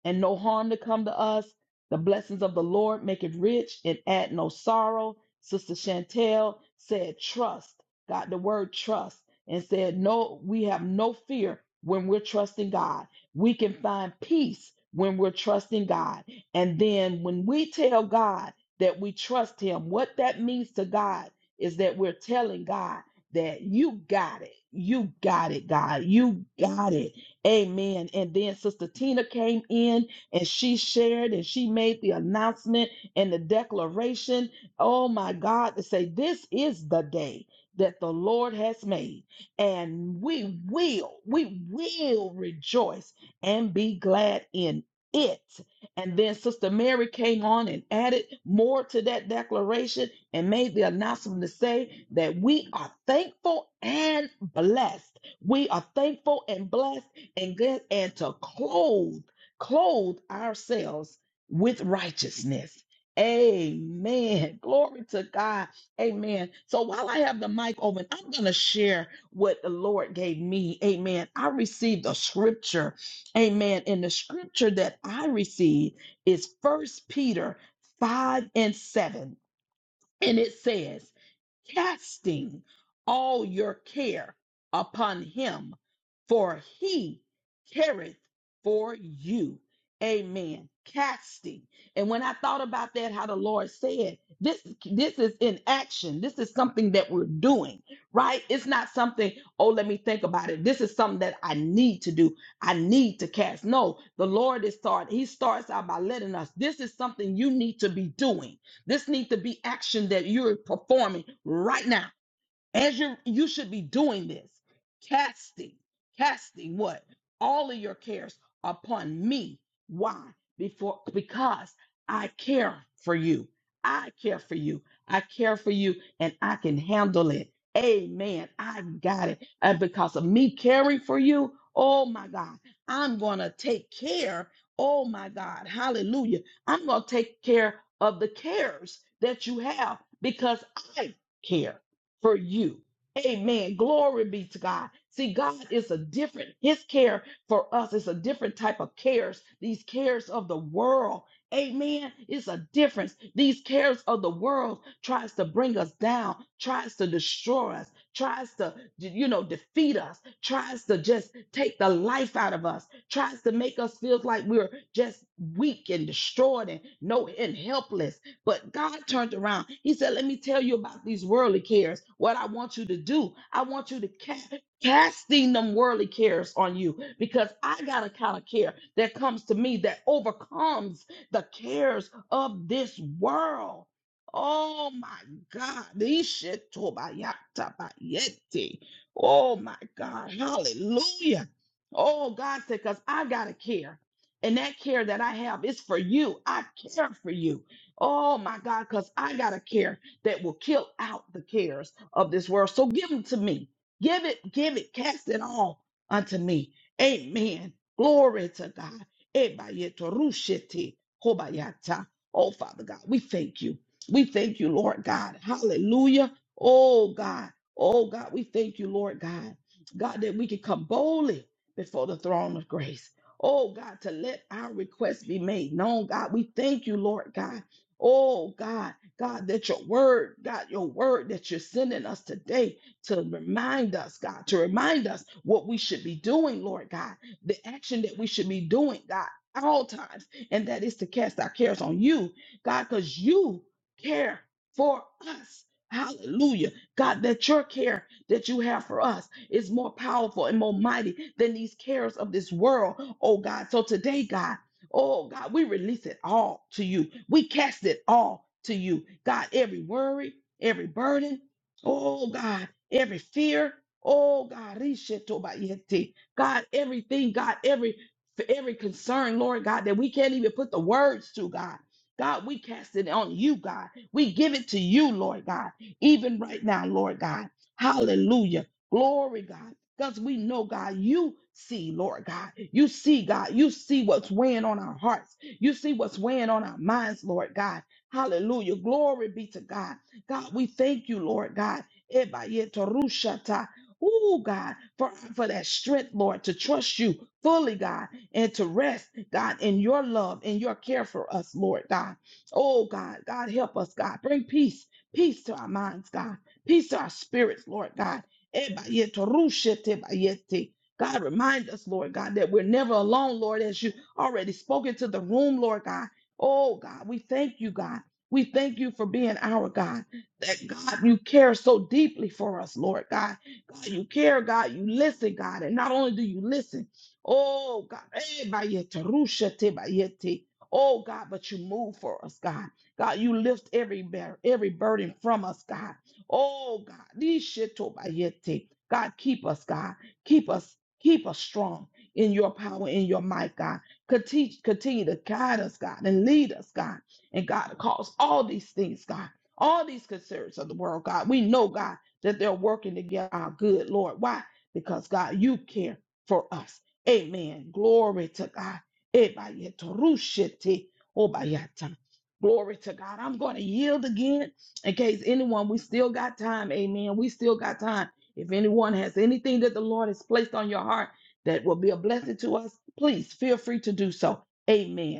and no harm to come to us. The blessings of the Lord make it rich and add no sorrow. Sister Chantel said, trust, got the word trust, and said, no, we have no fear when we're trusting God. We can find peace when we're trusting God. And then when we tell God that we trust Him, what that means to God is that we're telling God that you got it. You got it, God. You got it. Amen. And then Sister Tina came in and she shared and she made the announcement and the declaration. Oh my God, to say this is the day that the Lord has made, and we will, we will rejoice and be glad in it. And then Sister Mary came on and added more to that declaration and made the announcement to say that we are thankful and blessed. We are thankful and blessed and good and to clothe clothe ourselves with righteousness. Amen. Glory to God. Amen. So while I have the mic open, I'm going to share what the Lord gave me. Amen. I received a scripture. Amen. And the scripture that I received is First Peter 5 and 7. And it says, casting all your care upon him, for he careth for you. Amen. Casting. And when I thought about that, how the Lord said, this this is in action. This is something that we're doing, right? It's not something, oh, let me think about it. This is something that I need to do. I need to cast. No, the Lord is starting. He starts out by letting us. This is something you need to be doing. This needs to be action that you're performing right now as you you should be doing this casting casting what all of your cares upon me why before because i care for you i care for you i care for you and i can handle it amen i got it and because of me caring for you oh my god i'm gonna take care oh my god hallelujah i'm gonna take care of the cares that you have because i care for you. Amen. Glory be to God. See, God is a different, His care for us is a different type of cares. These cares of the world. Amen. It's a difference. These cares of the world tries to bring us down, tries to destroy us, tries to, you know, defeat us, tries to just take the life out of us, tries to make us feel like we're just weak and destroyed and no and helpless but God turned around. He said, Let me tell you about these worldly cares. What I want you to do, I want you to cast. Casting them worldly cares on you because I got a kind of care that comes to me that overcomes the cares of this world. Oh my God. Ishitobayatabayete. Oh my God. Hallelujah. Oh God said, because I got a care. And that care that I have is for you. I care for you. Oh my God, because I got a care that will kill out the cares of this world. So give them to me. Give it, give it, cast it all unto me. Amen. Glory to God. Ebayetorushete hobayata. Oh, Father God, we thank you. We thank you, Lord God. Hallelujah. Oh, God. Oh, God, we thank you, Lord God. God, that we can come boldly before the throne of grace. Oh, God, to let our requests be made known, God. We thank you, Lord God. Oh God, God, that your word, God, your word that you're sending us today to remind us, God, to remind us what we should be doing, Lord God, the action that we should be doing, God, at all times, and that is to cast our cares on you, God, because you care for us. Hallelujah. God, that your care that you have for us is more powerful and more mighty than these cares of this world, oh God. So today, God, Oh God, we release it all to you. We cast it all to you. God, every worry, every burden, oh God, every fear, oh God, rishetobayete. God, everything, God, every for every concern, Lord God, that we can't even put the words to, God. God, we cast it on you, God. We give it to you, Lord God, even right now, Lord God. Hallelujah. Glory, God. Because we know, God, you see, Lord God. You see, God. You see what's weighing on our hearts. You see what's weighing on our minds, Lord God. Hallelujah. Glory be to God. God, we thank you, Lord God. Ebayetorushata. Ooh, God, for, for that strength, Lord, to trust you fully, God, and to rest, God, in your love, in your care for us, Lord God. Oh, God, God, help us, God. Bring peace, peace to our minds, God, peace to our spirits, Lord God Ebayeto, rushete bayete. God, remind us, Lord God, that we're never alone, Lord, as you already spoken to the room, Lord God. Oh, God, we thank you, God. We thank you for being our God. That God, you care so deeply for us, Lord God. God, you care, God. You listen, God. And not only do you listen, oh, God, ebayete, rushete bayete. oh, God, but you move for us, God. God, you lift every, bear, every burden from us, God. Oh God, these shit tobayete. God, keep us, God. Keep us, keep us strong in your power, in your might, God. Continue, continue to guide us, God, and lead us, God. And God, cause all these things, God, all these concerns of the world, God. We know, God, that they're working together our good, Lord. Why? Because God, you care for us. Amen. Glory to God. Ebayetorushete obayata. Glory to God. I'm going to yield again in case anyone, we still got time. Amen. We still got time. If anyone has anything that the Lord has placed on your heart that will be a blessing to us, please feel free to do so. Amen.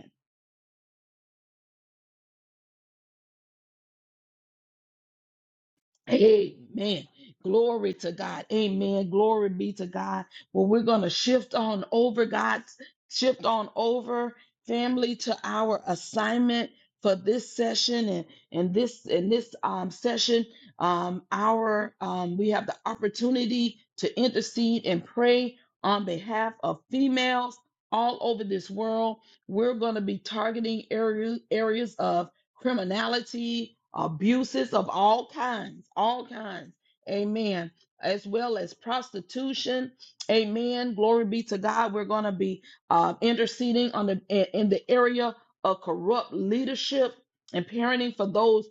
Amen. Glory to God. Amen. Glory be to God. Well, we're going to shift on over, God, shift on over, family, to our assignment for this session and and this in this um session um our um we have the opportunity to intercede and pray on behalf of females all over this world we're going to be targeting areas areas of criminality, abuses of all kinds, all kinds. Amen. As well as prostitution. Amen. Glory be to God. We're going to be uh, interceding on the in in the area of corrupt leadership and parenting for those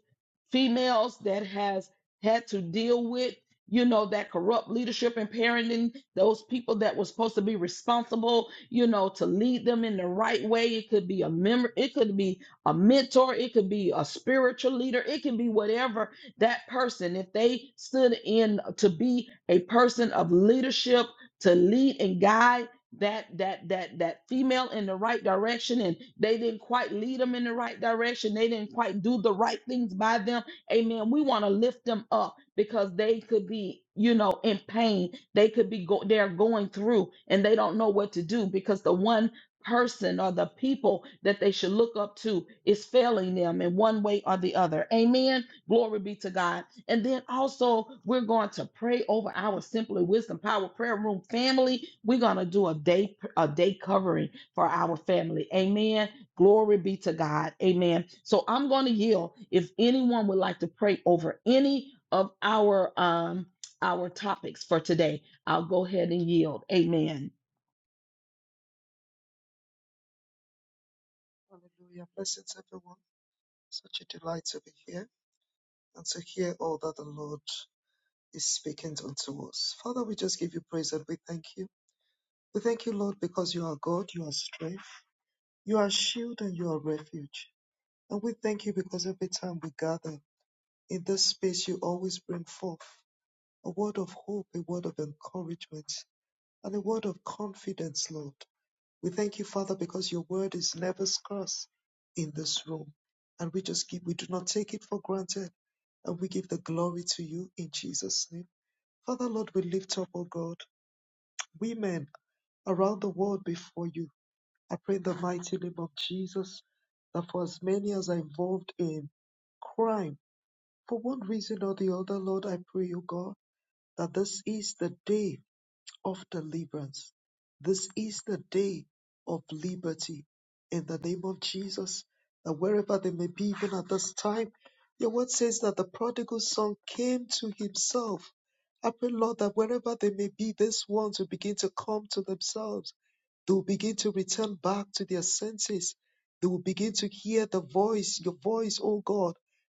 females that has had to deal with you know that corrupt leadership and parenting those people that were supposed to be responsible you know to lead them in the right way it could be a member it could be a mentor, it could be a spiritual leader, it can be whatever that person, if they stood in to be a person of leadership, to lead and guide that that that that female in the right direction and they didn't quite lead them in the right direction they didn't quite do the right things by them amen we want to lift them up because they could be you know in pain they could be go- they're going through and they don't know what to do because the one person or the people that they should look up to is failing them in one way or the other. Amen. Glory be to God. And then also, we're going to pray over our Simply Wisdom Power Prayer Room family. We're going to do a day a day covering for our family. Amen. Glory be to God. Amen. So I'm going to yield if anyone would like to pray over any of our um our topics for today. I'll go ahead and yield. Amen.
Hallelujah. Blessings, everyone. Such a delight to be here and to hear all that the Lord is speaking unto us. Father, we just give you praise and we thank you. We thank you, Lord, because you are God, you are strength, you are shield, and you are refuge. And we thank you because every time we gather in this space, you always bring forth a word of hope, a word of encouragement, and a word of confidence, Lord. We thank you, Father, because your word is never scarce in this room. And we just give, we do not take it for granted. And we give the glory to you in Jesus' name. Father, Lord, we lift up, O God, women around the world before you. I pray in the mighty name of Jesus that for as many as are involved in crime, for one reason or the other, Lord, I pray, oh God, that this is the day of deliverance. This is the day of liberty in the name of Jesus. That wherever they may be, even at this time, your word says that the prodigal son came to himself. I pray, Lord, that wherever they may be, these ones will begin to come to themselves. They will begin to return back to their senses. They will begin to hear the voice, your voice, O God,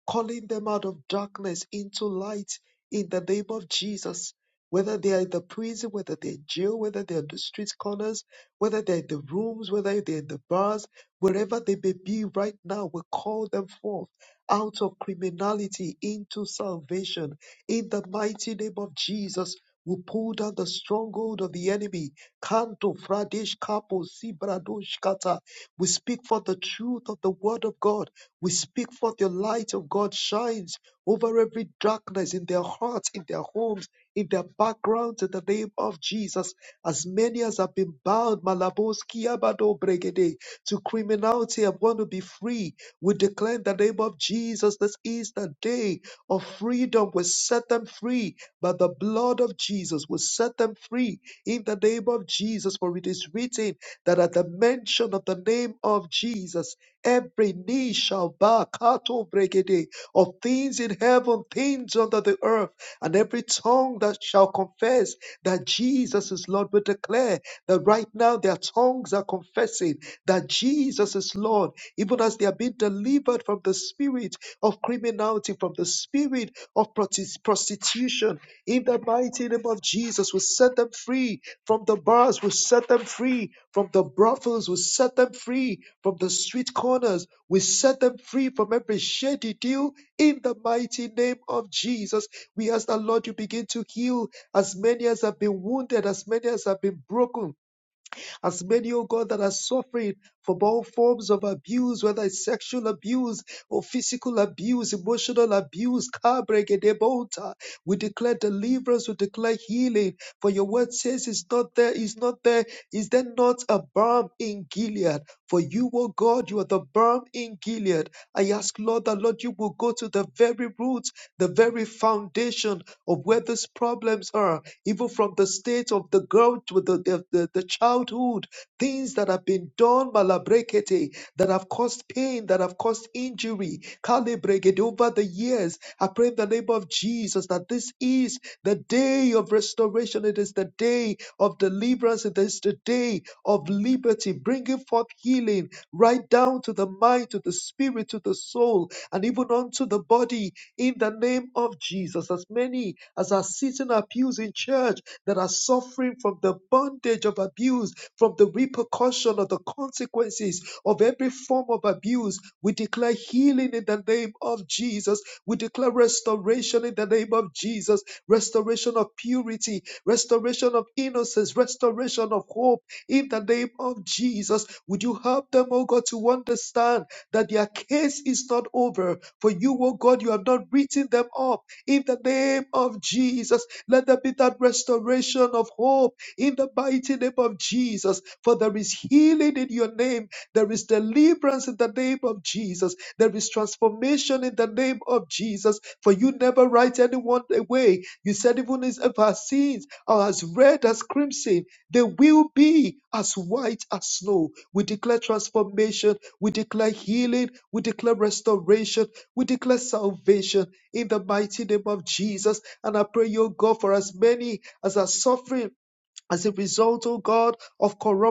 calling them out of darkness into light in the name of Jesus whether they are in the prison, whether they're in jail, whether they're on the street corners, whether they're in the rooms, whether they're in the bars, wherever they may be right now, we call them forth out of criminality into salvation. In the mighty name of Jesus, we pull down the stronghold of the enemy. Kanto, Fradesh, Kapo, Sibradosh, Kata. We speak for the truth of the word of God. We speak for the light of God shines over every darkness in their hearts, in their homes in the background in the name of Jesus. As many as have been bound, Malaboski Abado Bregede, to criminality and want to be free, we declare in the name of Jesus, this is the day of freedom. We set them free by the blood of Jesus. We set them free in the name of Jesus, for it is written that at the mention of the name of Jesus, every knee shall bow, Kato Bregede, of things in heaven, things under the earth and every tongue that shall confess that Jesus is Lord will declare that right now their tongues are confessing that Jesus is Lord, even as they are being delivered from the spirit of criminality, from the spirit of prosti- prostitution. In the mighty name of Jesus, we set them free from the bars, we set them free from the brothels, we set them free from the street corners, we set them free from every shady deal. In the mighty name of Jesus, we ask that Lord, you begin to heal as many as have been wounded, as many as have been broken as many, O God, that are suffering from all forms of abuse, whether it's sexual abuse or physical abuse, emotional abuse, car break, and we declare deliverance, we declare healing. For your word says it's not there, it's not there. Is there not a balm in Gilead? For you, O God, you are the balm in Gilead. I ask, Lord, that Lord, you will go to the very roots, the very foundation of where these problems are, even from the state of the girl to the, the, the, the childhood. Things that have been done, malabrekete, that have caused pain, that have caused injury, calibregate over the years. I pray in the name of Jesus that this is the day of restoration. It is the day of deliverance. It is the day of liberty, bringing forth healing right down to the mind, to the spirit, to the soul, and even unto the body in the name of Jesus. As many as are sitting at pews in church, that are suffering from the bondage of abuse, from the repercussion of the consequences of every form of abuse. We declare healing in the name of Jesus. We declare restoration in the name of Jesus, restoration of purity, restoration of innocence, restoration of hope in the name of Jesus. Would you help them, oh God, to understand that their case is not over? For you, oh God, you have not written them up in the name of Jesus. Let there be that restoration of hope in the mighty name of Jesus. For there is healing in your name. There is deliverance in the name of Jesus. There is transformation in the name of Jesus. For you never write anyone away. You said, even as- if our sins are as red as crimson, they will be as white as snow. We declare transformation. We declare healing. We declare restoration. We declare salvation in the mighty name of Jesus. And I pray, O God, for as many as are suffering as a result, O God, of corruption.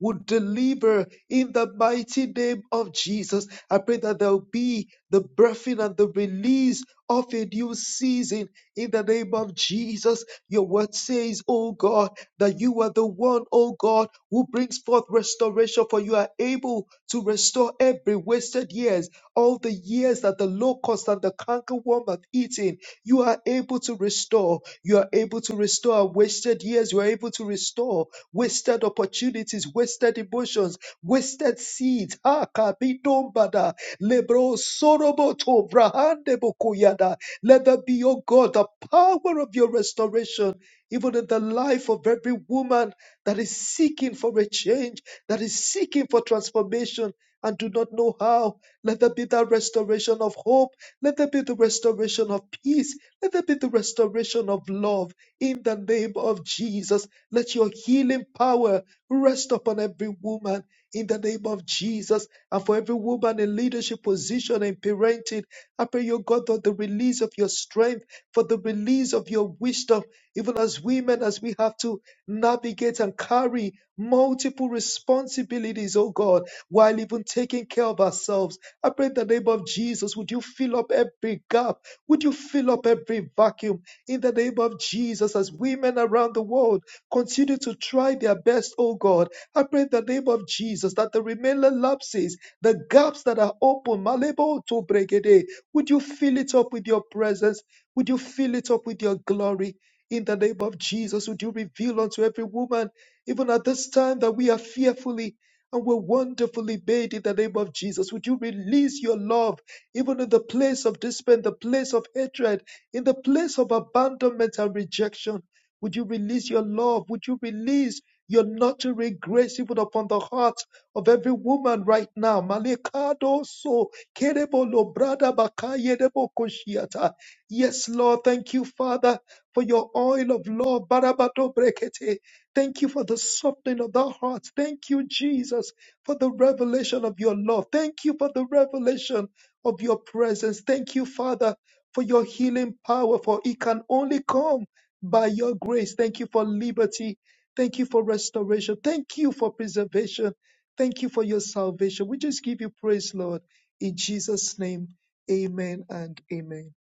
would deliver in the mighty name of Jesus. I pray that there will be the birthing and the release of a new season in the name of Jesus. Your word says, Oh God, that you are the one, oh God, who brings forth restoration, for you are able to restore every wasted years, all the years that the locust and the cankerworm have eaten. You are able to restore. You are able to restore our wasted years. You are able to restore wasted opportunities, wasted emotions, wasted seeds. Ah, kabidombada, lebro soroboto, brahande bokuyada. Let there be, O God, the power of your restoration, even in the life of every woman that is seeking for a change, that is seeking for transformation and do not know how. Let there be that restoration of hope. Let there be the restoration of peace. Let there be the restoration of love. In the name of Jesus, let your healing power rest upon every woman. In the name of Jesus, and for every woman in leadership position and parenting, I pray, your God, for the release of your strength, for the release of your wisdom, even as women, as we have to navigate and carry multiple responsibilities, oh God, while even taking care of ourselves. I pray in the name of Jesus, would you fill up every gap? Would you fill up every vacuum? in the name of Jesus as women around the world continue to try their best, oh God. I pray in the name of Jesus that the remaining lapses, the gaps that are open, malebo to bregede, would you fill it up with your presence? Would you fill it up with your glory? In the name of Jesus, would you reveal unto every woman, even at this time, that we are fearfully and we're wonderfully made in the name of Jesus. Would you release your love even in the place of despair, the place of hatred? In the place of abandonment and rejection, would you release your love? Would you release your nurturing grace even upon the heart of every woman right now? Malekado so kerebo lo brada bakaye debo koshiata. Yes, Lord, thank you, Father, for your oil of love. Barabato brekete. Thank you for the softening of the heart. Thank you, Jesus, for the revelation of your love. Thank you for the revelation of your presence. Thank you, Father for your healing power, for it can only come by your grace. Thank you for liberty. Thank you for restoration. Thank you for preservation. Thank you for your salvation. We just give you praise, Lord. In Jesus' name, amen and amen.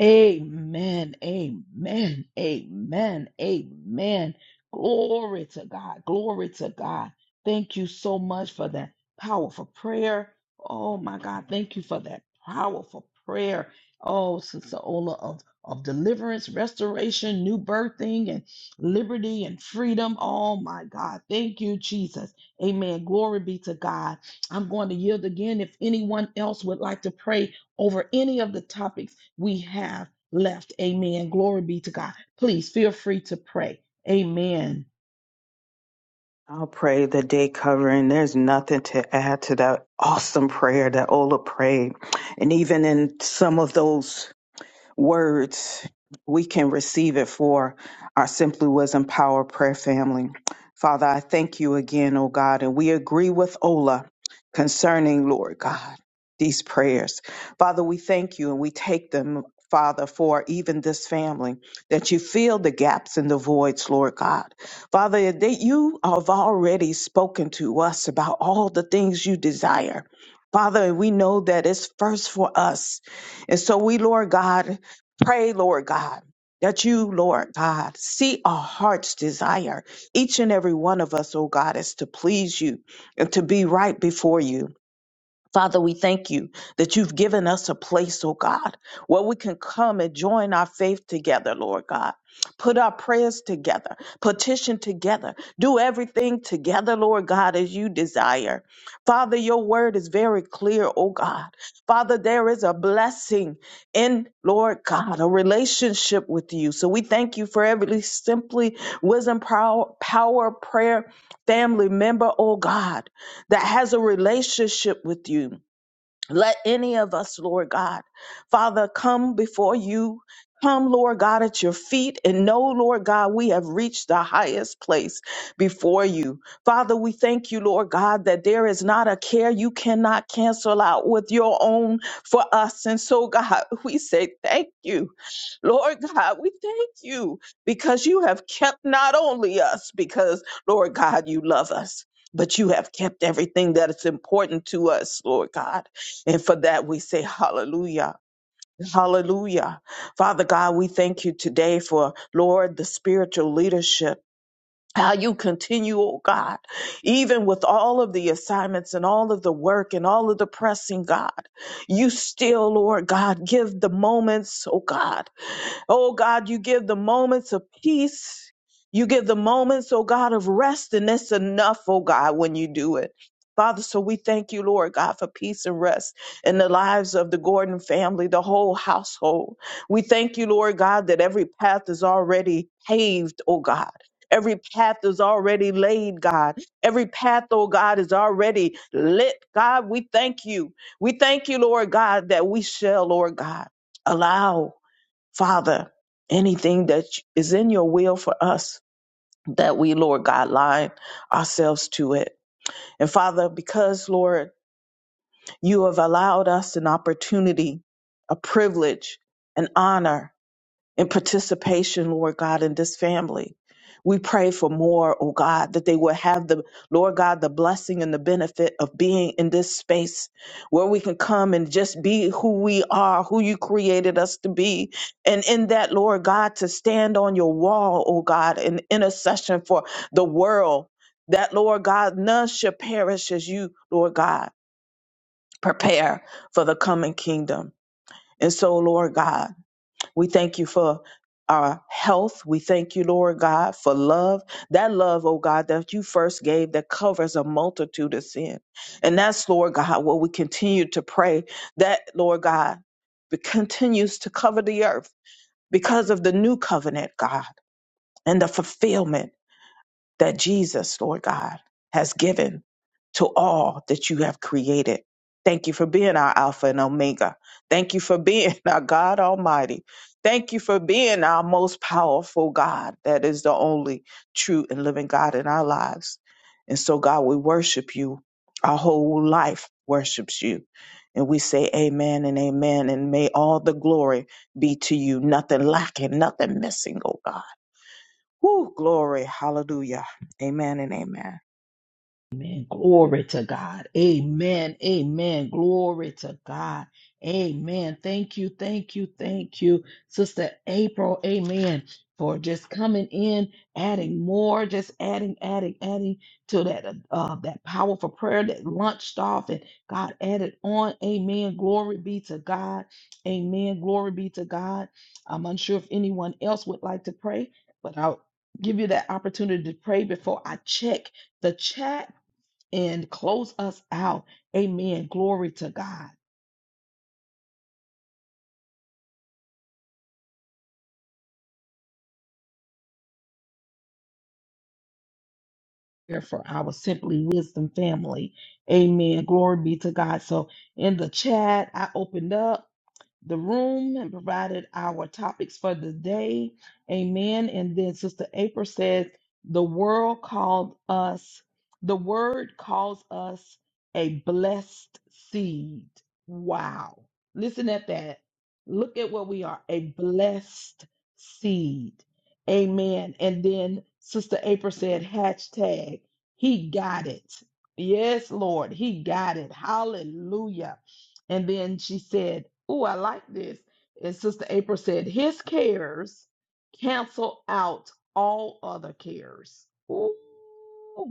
Amen. Amen. Amen. Amen. Glory to God. Glory to God. Thank you so much for that powerful prayer. Oh my God. Thank you for that powerful prayer. Oh, Sister Ola of, of deliverance, restoration, new birthing, and liberty and freedom. Oh my God. Thank you, Jesus. Amen. Glory be to God. I'm going to yield again if anyone else would like to pray over any of the topics we have left. Amen. Glory be to God. Please feel free to pray. Amen.
I'll pray the day covering. There's nothing to add to that awesome prayer that Ola prayed. And even in some of those words, we can receive it for our Simply Wisdom Power Prayer family. Father, I thank you again, oh God, and we agree with Ola concerning, Lord God, these prayers. Father, we thank you and we take them, Father, for even this family, that you fill the gaps and the voids, Lord God. Father, that you have already spoken to us about all the things you desire. Father, we know that it's first for us and so we, Lord God, pray, Lord God, that you, Lord God, see our heart's desire, each and every one of us, oh God, is to please you and to be right before you. Father, we thank you that you've given us a place, oh God, where we can come and join our faith together, Lord God. Put our prayers together, petition together, do everything together, Lord God, as you desire. Father, your word is very clear, oh God. Father, there is a blessing in, Lord God, a relationship with you. So we thank you for every simply wisdom, power, power prayer family member, oh God that has a relationship with you let any of us, Lord God, Father, come before you. Come, Lord God, at your feet and know, Lord God, we have reached the highest place before you. Father, we thank you, Lord God, that there is not a care you cannot cancel out with your own for us. And so, God, we say thank you. Lord God, we thank you because you have kept not only us, because, Lord God, you love us, but you have kept everything that is important to us, Lord God. And for that, we say hallelujah. Hallelujah. Father God, we thank you today for, Lord, the spiritual leadership. How you continue, oh God, even with all of the assignments and all of the work and all of the pressing, God, you still, Lord God, give the moments, oh God. Oh God, you give the moments of peace. You give the moments, oh God, of rest, and that's enough, oh God, when you do it. Father, so we thank you, Lord God, for peace and rest in the lives of the Gordon family, the whole household. We thank you, Lord God, that every path is already paved, oh God. Every path is already laid, God. Every path, oh God, is already lit. God, we thank you. We thank you, Lord God, that we shall, Lord God, allow Father, anything that is in your will for us, that we, Lord God, line ourselves to it. And Father, because, Lord, you have allowed us an opportunity, a privilege, an honor and participation, Lord God, in this family. We pray for more, oh God, that they will have the, Lord God, the blessing and the benefit of being in this space where we can come and just be who we are, who you created us to be. And in that, Lord God, to stand on your wall, oh God, in intercession for the world, that, Lord God, none should perish as you, Lord God, prepare for the coming kingdom. And so, Lord God, we thank you for our health. We thank you, Lord God, for love. That love, oh God, that you first gave that covers a multitude of sin. And that's, Lord God, what we continue to pray that, Lord God, it continues to cover the earth because of the new covenant, God, and the fulfillment that Jesus, Lord God, has given to all that you have created. Thank you for being our Alpha and Omega. Thank you for being our God Almighty. Thank you for being our most powerful God that is the only true and living God in our lives. And so, God, we worship you. Our whole life worships you. And we say amen and amen. And may all the glory be to you, nothing lacking, nothing missing, oh God. Whew, glory. Hallelujah. Amen and amen.
Amen. Glory to God. Amen. Amen. Glory to God. Amen. Thank you. Thank you. Thank you, Sister April. Amen. For just coming in, adding more, just adding, adding, adding to that uh, uh, that powerful prayer that launched off and God added on. Amen. Glory be to God. Amen. Glory be to God. I'm unsure if anyone else would like to pray, but I'll give you that opportunity to pray before I check the chat and close us out. Amen. Glory to God. Here for our Simply Wisdom family. Amen. Glory be to God. So in the chat, I opened up. the room and provided our topics for the day. Amen. And then Sister April says, The world called us, the word calls us a blessed seed. Wow. Listen at that. Look at what we are a blessed seed. Amen. And then Sister April said, hashtag, he got it. Yes, Lord, he got it. Hallelujah. And then she said, Oh, I like this. And Sister April said, His cares cancel out all other cares. Ooh,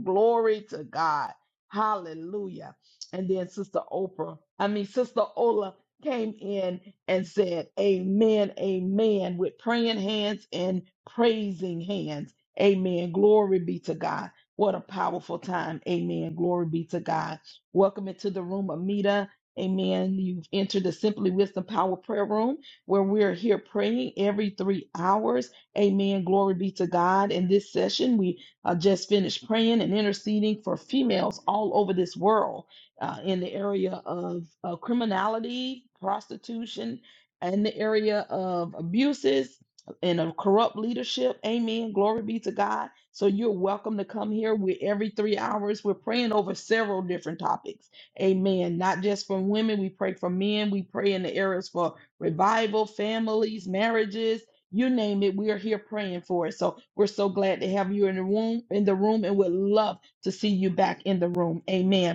glory to God. Hallelujah. And then Sister Oprah, I mean, Sister Ola came in and said, Amen, amen, with praying hands and praising hands. Amen. Glory be to God. What a powerful time. Amen. Glory be to God. Welcome into the room, Amita. Amen. You've entered the Simply Wisdom Power Prayer Room where we're here praying every three hours. Amen. Glory be to God. In this session, we uh, just finished praying and interceding for females all over this world uh, in the area of uh, criminality, prostitution, and the area of abuses and of corrupt leadership. Amen. Glory be to God. So you're welcome to come here. We every three hours we're praying over several different topics. Amen. Not just for women, we pray for men. We pray in the areas for revival, families, marriages, you name it. We are here praying for it. So we're so glad to have you in the room, in the room, and would love to see you back in the room. Amen.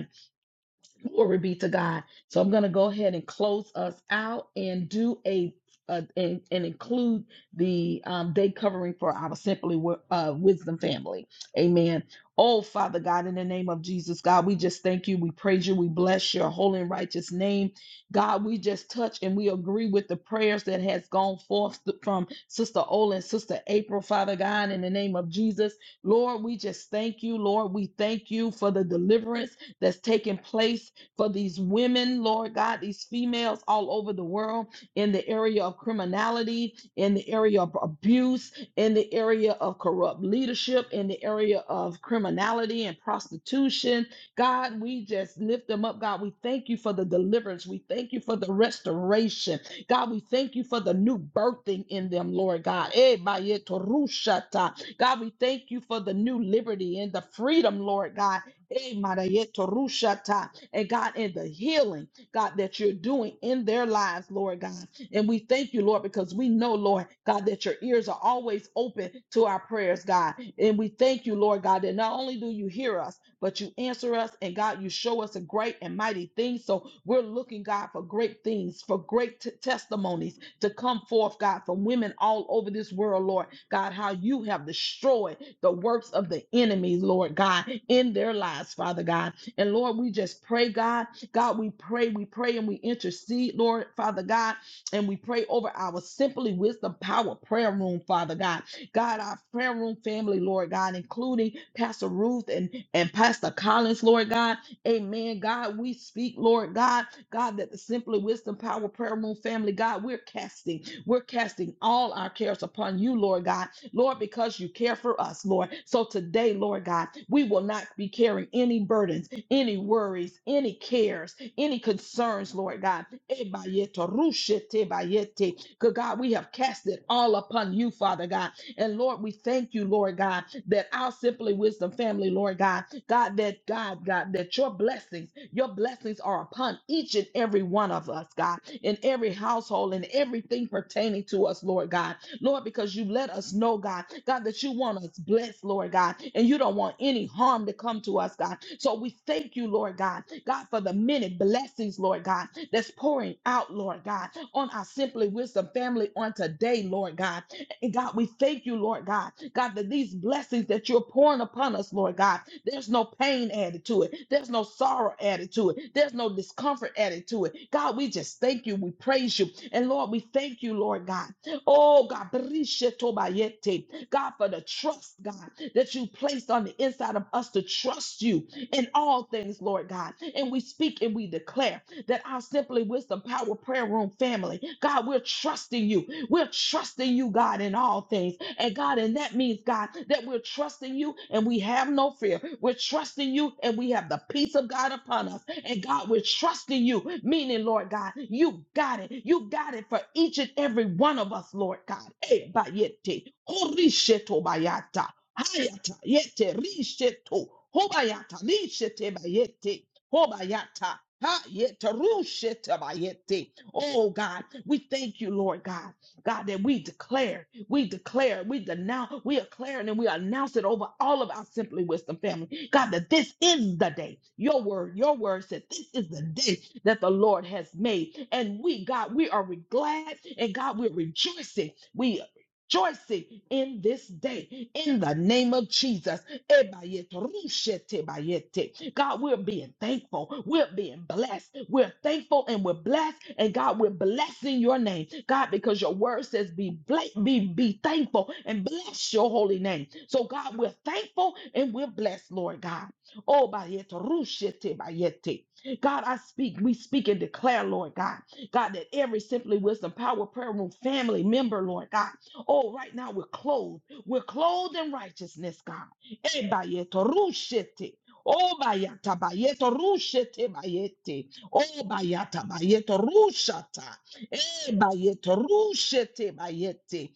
Glory be to God. So I'm going to go ahead and close us out and do a, uh, and, and include the um, day covering for our Simply Wi- uh, Wisdom family. Amen. Oh, Father God, in the name of Jesus, God, we just thank you. We praise you. We bless your holy and righteous name. God, we just touch and we agree with the prayers that has gone forth th- from Sister Ola and Sister April, Father God, in the name of Jesus. Lord, we just thank you. Lord, we thank you for the deliverance that's taking place for these women, Lord God, these females all over the world in the area of criminality, in the area of abuse, in the area of corrupt leadership, in the area of criminality and prostitution. God, we just lift them up. God, we thank you for the deliverance. We thank you for the restoration. God, we thank you for the new birthing in them, Lord God. Eh, baye torushata. God, we thank you for the new liberty and the freedom, Lord God. Eh, maraye torushata and God, in the healing, God, that you're doing in their lives, Lord God. And we thank you, Lord, because we know, Lord, God, that your ears are always open to our prayers, God. And we thank you, Lord God, that not only do you hear us, but you answer us, and God, you show us a great and mighty thing. So we're looking, God, for great things, for great t- testimonies to come forth, God, from women all over this world, Lord. God, how you have destroyed the works of the enemy, Lord God, in their lives, Father God. And Lord, we just pray, God. God, we pray, we pray, and we intercede, Lord, Father God. And we pray over our Simply Wisdom Power prayer room, Father God. God, our prayer room family, Lord God, including Pastor Ruth and, and Pastor Collins, Lord God. Amen. God, we speak, Lord God, God, that the Simply Wisdom Power Prayer Room family, God, we're casting, we're casting all our cares upon you, Lord God, Lord, because you care for us, Lord. So today, Lord God, we will not be carrying any burdens any worries, any cares, any concerns, Lord God. Ebayete, rushete, bayete. Good God, we have cast it all upon you, Father God. And Lord, we thank you, Lord God, that our Simply Wisdom family, Lord God, God, that God, God, that your blessings, your blessings are upon each and every one of us, God, in every household and everything pertaining to us, Lord God. Lord, because you let us know, God, God, that you want us blessed, Lord God, and you don't want any harm to come to us, God. So we thank you, Lord God, God, for the many blessings, Lord God, that's pouring out, Lord God, on our Simply Wisdom family on today, Lord God. And God, we thank you, Lord God, God, that these blessings that you're pouring upon us, Lord God, there's no pain added to it, there's no sorrow added to it, there's no discomfort added to it. God, we just thank you, we praise you, and Lord, we thank you, Lord God. Oh God, Brishe Tobayete. God, for the trust, God, that you placed on the inside of us to trust you in all things, Lord God. And we speak and we declare that our Simply Wisdom Power Prayer Room family, God, we're trusting you. We're trusting you, God, in all things. And God, and that means, God, that we're trusting you and we have no fear. We're trusting you and we have the peace of God upon us. And God, we're trusting you, meaning, Lord God, you got it. You got it for each and every one of us, Lord God. Eh, bayete, orisheto bayata, hayata, yete, risheto, hobayata, lishete bayete, hobayata. Ha, rushete bayete. Oh God, we thank you, Lord God. God, that we declare, we declare, we denounce, we declare, and then we announce it over all of our Simply Wisdom family. God, that this is the day. Your word, your word said this is the day that the Lord has made. And we, God, we are re- glad and God, we're rejoicing. We are rejoicing in this day in the name of Jesus. Ebayete, rushete bayete. God, we're being thankful. We're being blessed. We're thankful and we're blessed. And God, we're blessing your name. God, because your word says, be, bla- be, be thankful and bless your holy name. So, God, we're thankful and we're blessed, Lord God. Oh, bayete, rushete bayete. God, I speak, we speak and declare, Lord God, God, that every Simply Wisdom Power Prayer Room family member, Lord God, oh, right now we're clothed. We're clothed in righteousness, God. Ebayeto rushete. O bayata bayeto rushete bayete. O bayata bayeto rushata. E bayeto rushete bayete.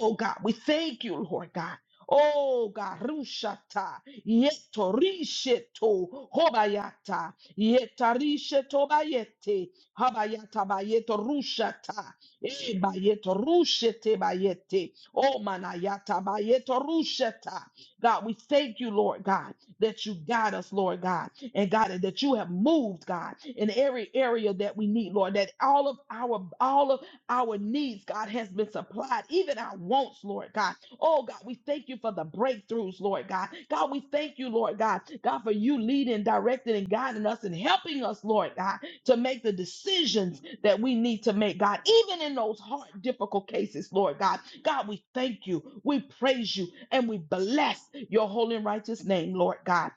Oh God, we thank you, Lord God. Oh God, rushata. Yeto risheto. Hobayata. Yeta risheto bayete. Habayata bayeto rushata. E bayeto rushete bayete. O manayata bayeto rusheta. God, we thank you, Lord God, that you guide us, Lord God, and God, and that you have moved, God, in every area that we need, Lord, that all of our all of our needs, God, has been supplied, even our wants, Lord God. Oh God, we thank you for the breakthroughs, Lord God. God, we thank you, Lord God, God, for you leading, directing, and guiding us and helping us, Lord God, to make the decisions that we need to make, God, even in those hard, difficult cases, Lord God. God, we thank you, we praise you, and we bless your holy and righteous name, Lord God.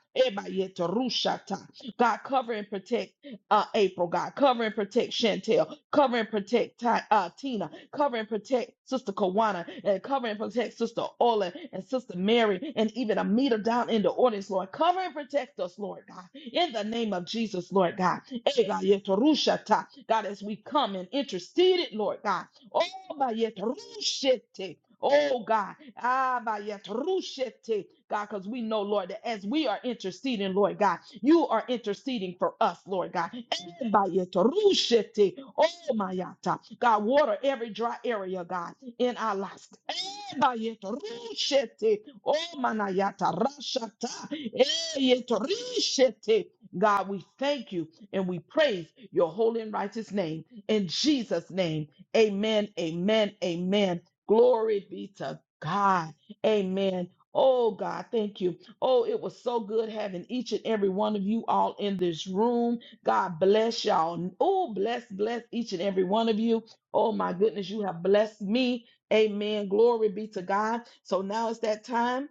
God, cover and protect uh, April, God. Cover and protect Chantel. Cover and protect Ti- uh, Tina. Cover and protect Sister Kawana. And cover and protect Sister Ola and Sister Mary and even Amita down in the audience, Lord. Cover and protect us, Lord God. In the name of Jesus, Lord God. God, as we've come and interceded, Lord God. Oh, bayet rushete. Oh God, ah, bayet rushete. God, because we know, Lord, that as we are interceding, Lord God, you are interceding for us, Lord God. Eh, bayet rushete. Oh, mayata. God, water every dry area, God, in our lives. Eh, bayet rushete. Oh, manayata rashata. Eh, yet rushete. God, we thank you. And we praise your holy and righteous name. In Jesus' name, amen, amen, amen. Glory be to God. Amen. Oh, God, thank you. Oh, it was so good having each and every one of you all in this room. God bless y'all. Oh, bless, bless each and every one of you. Oh, my goodness, you have blessed me. Amen. Glory be to God. So now it's that time.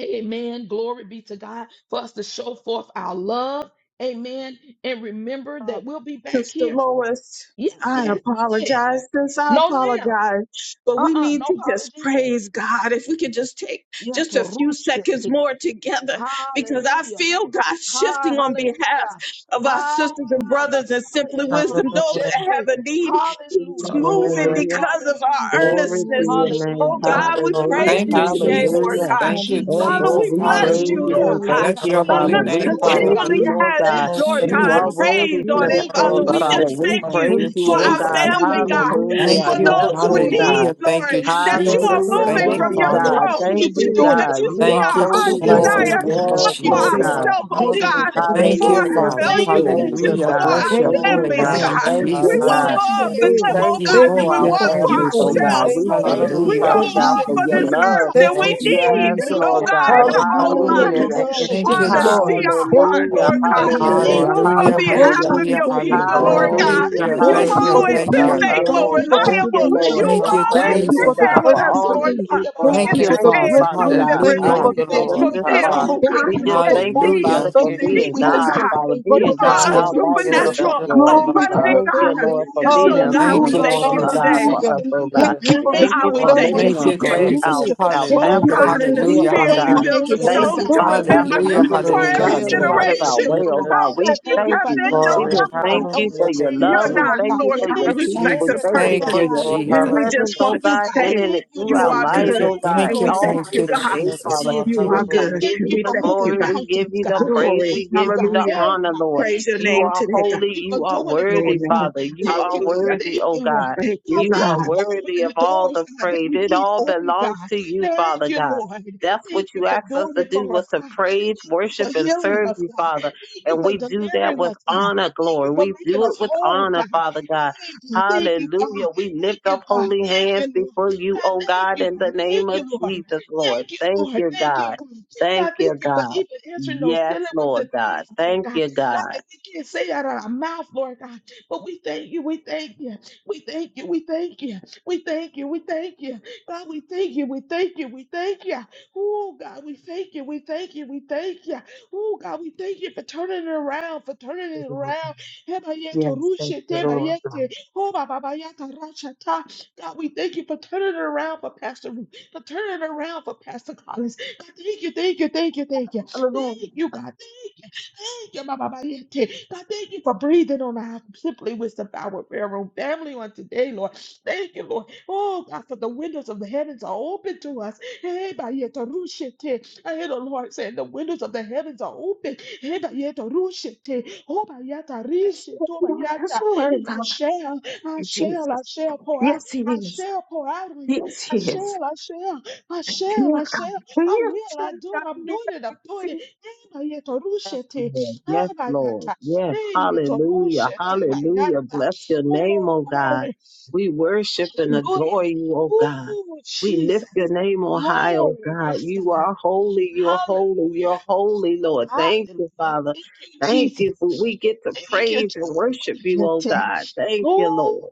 Amen. Glory be to God for us to show forth our love. Amen. And remember that we'll be back
Sister
here.
Lois,
Yes,
I
yes, yes.
apologize. Since I
No lamb.
apologize, but we
Uh-uh.
need
No
to just
apologies.
praise God. If we could just take
Yeah,
just
to
a few seconds more together, because I
Hallelujah.
feel God
Hi,
shifting on behalf
hallelujah.
of our
Hi.
sisters and
Ba, ba, ba,
brothers and
ba,
simply
yeah, to
wisdom, those that have a need. He's
Hallelujah.
moving
Hallelujah.
Hallelujah.
because of
Hallelujah.
our
Thank
Glory to
earnestness.
Hallelujah.
your name.
Oh
Hallelujah.
you.
God, we
Thank
Hallelujah.
praise
Thank
you,
you
you,
Hallelujah,
today,
God.
Lord
Jesus.
Thank
Jesus.
Hallelujah.
God.
you,
Thank you,
Oh
Jesus.
Father,
Hallelujah.
Lord,
Jesus.
we
we
Glory
bless
praise
to
you,
your
Hallelujah.
you
Hallelujah.
Lord
and
Oh,
God.
name.
thank
Bless
God,
you,
your
Our
thank
Hallelujah.
Father.
holy
you
Thank
lips
for
Thank
We
name,
you
you,
for
doing it,
the
Father.
praise
God.
Lord.
continually
you,
shield.
Lord
has
God.
Thank
Thank
Oh, we
you
you,
for
Lord
thank you,
You
doing
God,
Lord.
are
Father,
it,
Jesus,
for the
God.
worthy
Heavenly
praise
to
on
Thank
change
Father,
be
it,
of
Thank
you,
you
thank
Lord
Father.
you,
praised,
for
God,
We
in the
doing
atmosphere.
Father.
just
it,
name
Jesus,
We
thank
of
God.
you
thank you,
praise
Thank
you,
for
Thank
you
oh
for
you
Jesus.
our
the
for
God.
Jesus.
doing it,
family,
victory.
God.
God,
Thank
Hallelujah,
you
Hallelujah.
Thank
for
Thank
for
Lord
the
you
you,
God.
for
Yes,
those who
doing
Lord
Oh,
it,
provision.
God.
need,
God.
hallelujah. Thank
Lord,
you,
you
that
for
Hallelujah.
you
the
are
Jesus.
Hallelujah.
moving
Thank
Thank
you,
from
turnaround.
you,
your
Hallelujah.
Lord
Father.
God.
Glory
throne
to
Thank
your
Thank
you for
you,
name.
doing it,
because
Jesus.
God.
you
God.
You
Thank
see
are
Thank
our
you
you,
for
How's
heart
the
holy,
everybody get
Oh,
birthing
righteous.
to?
Jesus.
of
desire
do
a
it,
Thank
new
you,
Yes,
Lord.
Thank you
for
Do
for
Lord
it,
season.
doing
Jesus.
Lord.
it,
God.
ourselves,
God.
oh
Thank
Thank you
you
God,
for
for
Hallelujah.
the
doing it,
Thank you,
God.
before
Thank you,
Hallelujah.
miraculous that
Father.
oh,
you're
Thank you,
Thank
you,
thank you,
you,
releasing.
Hallelujah.
Lord.
for
God.
Bless your
Thank
Hallelujah.
Thank
our
We
Lord.
you
holy
you,
for
Thank
families,
the
bless
God.
you,
you,
God.
name,
Lord
God.
sheep.
Thank
God.
We
you,
We
want
Glory
God.
Jesus.
to
bless your
more
your
Hallelujah.
for
name
We
name.
them,
for it,
Thank
thank
oh
you,
Thank
you
God,
God.
you
than
Thank
for
for
we
thank
We
our
you,
you
doing
for
want
it,
thank
for
thank
you
you,
Jesus.
families,
for
oh
it,
victory.
God.
God.
Jesus.
ourselves,
We
Thank
Lord.
thank
you
you,
We
Hallelujah.
Hallelujah.
for
Father
want
God,
new
more
for
for
your
this
Rishete.
beginnings.
earth
love.
God, we
than
Thank
Hallelujah.
we
Thank
you,
you,
glorify your
need,
Yes,
Jesus.
name
Jesus.
oh
Lord
for it,
Yes,
God,
God.
God.
in
Lord.
our own
Hallelujah.
Hallelujah.
We
lives.
Hallelujah.
Thank you,
worship
Thank
Rishete,
you,
you,
Father,
Jesus.
Lord.
see
Bayete.
Jesus.
our
God,
heart,
Thank
we
Hallelujah.
Oh,
Lord
we
you,
God.
glorify
thank you,
your
Jesus.
name
Lord.
Hallelujah.
Move
for it,
on
Hallelujah,
God.
behalf
Hallelujah.
Hallelujah.
of
Dependable
hallelujah,
your
God, we
Hallelujah,
people,
God.
honor
hallelujah.
Lord
Oh, we
you.
God.
Thank
Hallelujah,
you,
magnify
Thank
You've
Hallelujah,
thank
you
your
you,
for
name,
God.
the
always
hallelujah.
oh
thank
been
you.
God.
Thank
healings.
you,
Thank
faithful,
you
Lord.
Hallelujah,
for
Hallelujah.
the
Thank
God.
you,
reliable.
Lord.
We
You've
Hey,
deliverance.
Thank
God.
you,
glorify
Thank
always
your
Thank
you
you,
been
for
name.
Jesus.
the
Hallelujah.
God,
there with
for
us,
all
Hallelujah.
Lord
you
testimonies.
do
God.
Hallelujah,
for
Baba
Thank
us.
And
Thank
you
you,
for
Thank
the
Thank
you,
Bayete.
today
you,
Father.
is
Father
Ooh,
no
breakthroughs.
Jesus.
We
God,
Thank
different,
thank
you
how
Thank
you,
Hallelujah.
for
Lord.
we
the
you
you,
brought
thank
us
you,
Lord.
we
this
provision.
thank
Fulfill,
you,
far.
we
oh
Thank
thank
Hallelujah.
God,
We
you,
you
we
for
just
the
thank
thank
you.
you,
funding.
exceed,
Hallelujah.
Father,
Thank
We
for
Thank
you,
thank
you,
you,
meet,
being
we
oh
Jesus.
thank
God,
you,
Jesus,
God.
we
Father,
thank
for
you,
You
the
we
being
thank
Thank
Oh,
God
are a
you.
all
you.
thank
by
you,
transformation.
Lord, for
yourself,
supernatural,
doing
Hallelujah,
Lord.
it,
Glory
Lord
to
hallelujah,
God.
abundant
your
Thank you,
God.
name.
Lord, for
And
Each
hallelujah,
and
being
so,
a
every
God,
one
we
Thank
of
you,
Hallelujah.
us,
thank
Lord
you
supernatural
hallelujah,
God, I
God
Jesus.
today.
for
thank
Hallelujah.
us,
you,
oh
hallelujah,
God.
Thank you
Jesus.
for a
Thank
Thank
you
God,
new
you
for
we
Oh, I
for
level,
doing
thank
it,
thank
you
a
making
Thank
you,
new
our
you,
Lord.
clear,
Lord.
today.
Jesus.
Thank
our,
you
beginning.
for
our
Thank
Oh
shifting
you
Hallelujah.
for
for
pathways
the
God,
us,
in the
God.
clear,
release
Hallelujah.
of
Oh,
oh
a
I
spear
Thank you
we
God.
new
thank
for
you,
Hallelujah.
build the
making
name.
Thank
ways
stone
out
you,
Jesus.
to
of
Thank
Father
no
God,
you,
way,
remember
for
God.
Hallelujah.
Jesus.
moving
for
Hallelujah.
every
Hallelujah.
Thank you,
Kayaba.
distractions
Lord.
Hallelujah.
Thank
out
Thank
Thank
of
you,
our
you,
you,
generation
way, oh
Lord.
God.
how
God.
Jesus.
We
God,
good you
thank you
thank
have
for
you.
been,
Hallelujah.
We
oh
answering,
Glory.
just
God.
God,
thank you
those
for
Hallelujah.
Hallelujah.
your
Thank you,
prayers,
love.
You're
We
not,
Lord,
Jesus.
thank
God.
you
Lord
Hallelujah.
for
We give
your
God,
Thank
a
you
you
Thank
for
you,
peace.
respecter
We
of
Jesus.
answering
thank
our
Oh,
you
Thank
yes,
person.
for
you,
your
cry,
Lord.
oh
And
God.
Jesus.
Hallelujah.
we
presence,
just
oh
Thank
want to
you,
God,
God.
in
say
and
Thank
Thank
you,
through
you,
you
our
Lord.
are
Jesus.
lives,
Thank you.
good.
oh
Thank you,
God,
And
Thank you.
we
Lord,
all
thank
God.
Thank
through
you,
you,
the
God.
day,
Thank you,
Jesus.
Thank
Father.
Lord.
you.
You
We
are
God,
just
good.
Hallelujah.
thank
give
And
you
you
we
the
for
thank you,
moving
glory.
God.
We give
mountains,
you
God.
the praise.
Glory.
We
Thank
give
you,
you
God.
the
Hallelujah.
Hey,
honor,
God.
Lord.
Praise
Thank
your
you,
You
Lord.
name
are
today, God.
Thank
holy.
you for
You are
doing it for
worthy,
us, God.
Amen.
Father. You
Thank
are
you, God.
Hallelujah.
worthy,
Thank
oh
you, Lord.
God.
Thank
God,
you,
You
thank
are
you
God.
for
worthy
opening
of
the
all
doors,
the
God, that
praise.
we
It
need
all
open,
belongs
God.
to you,
Thank
Father
you,
God.
Lord.
That's what
Thank you
you
for
asked us
doing
to
it
do
for
was
us,
to
God
praise,
you
worship,
for
and
healing
serve
us,
you,
God.
Father.
Thank you
And
for
we do that
delivering
with
us, God.
honor,
Thank you
glory.
for
We
making
do
us
it with
whole,
honor,
God.
Father God.
Thank you, thank you, God.
Hallelujah. We
Thank
lift
you,
up
God.
holy
Thank you,
hands
Lord.
before you,
God,
oh
thank
God,
you,
in the
God. Thank
name
you,
of
Lord.
Jesus, Lord.
Thank you,
Thank
Lord.
you,
Thank you,
God.
God.
Thank
God, thank
you,
you for
God.
even answering those
Yes,
dealing with
Lord
the things,
God.
Lord
Thank
God.
you,
God,
God.
that we can't say out of our mouth, Lord God. But we thank you, we thank you, we thank you, we thank you, we thank you, we thank you. God, we thank you, we thank you, we thank you. Oh, God, we thank you. We thank you. We thank you. Oh, God, we thank you for turning it around, for turning it around. Heba yeto rushe teba yete. Oh, ba, ba, ba, yata rasha ta. God, we thank you for turning it around for Pastor Ruth, for turning it around for Pastor Collins. God, thank you, thank you, thank you, thank you. Thank you, God. Thank you. Thank you, Mama Mariette. God, thank you for breathing on our simply wisdom power prayer room family on today, Lord. Thank you, Lord. Oh, God, for the windows of the heavens are open to us. Eh, by yet a rush eh. I hear the Lord saying, The windows of the heavens are open. Eh, by yet a rush it, eh. Oh, by yet a
That's
rush oh, by yet a-
the word,
And
God.
I shall, I
Jesus.
shall, I shall pour out,
Yes, he
I
is.
shall pour out on you.
Yes,
I
he is.
shall, I shall, I
Yes, God.
shall, I shall, I
Yes,
will, I
yes,
do it, I'm
Yes,
doing it, I'm doing
yes,
it. Eh, by yet a rush it, eh.
Lord.
Ah,
Yes,
by yet
Lord.
a-
Yes.
Eh, yet a rush
Hallelujah.
eh, by yet
Hallelujah.
a-
Bless your
Oh,
name, oh
glory.
God. We worship and
Hallelujah.
adore you, oh God.
Oh,
We lift
Jesus.
your name on high,
Glory.
oh God.
Yes, God.
You are holy. You're
Hallelujah.
holy. You're holy, Lord. Thank you,
Hallelujah.
Father.
Thank you,
Thank
Jesus.
you for we get to
Thank you,
praise and worship you, oh
Jesus.
God. Thank you,
Oh,
Lord.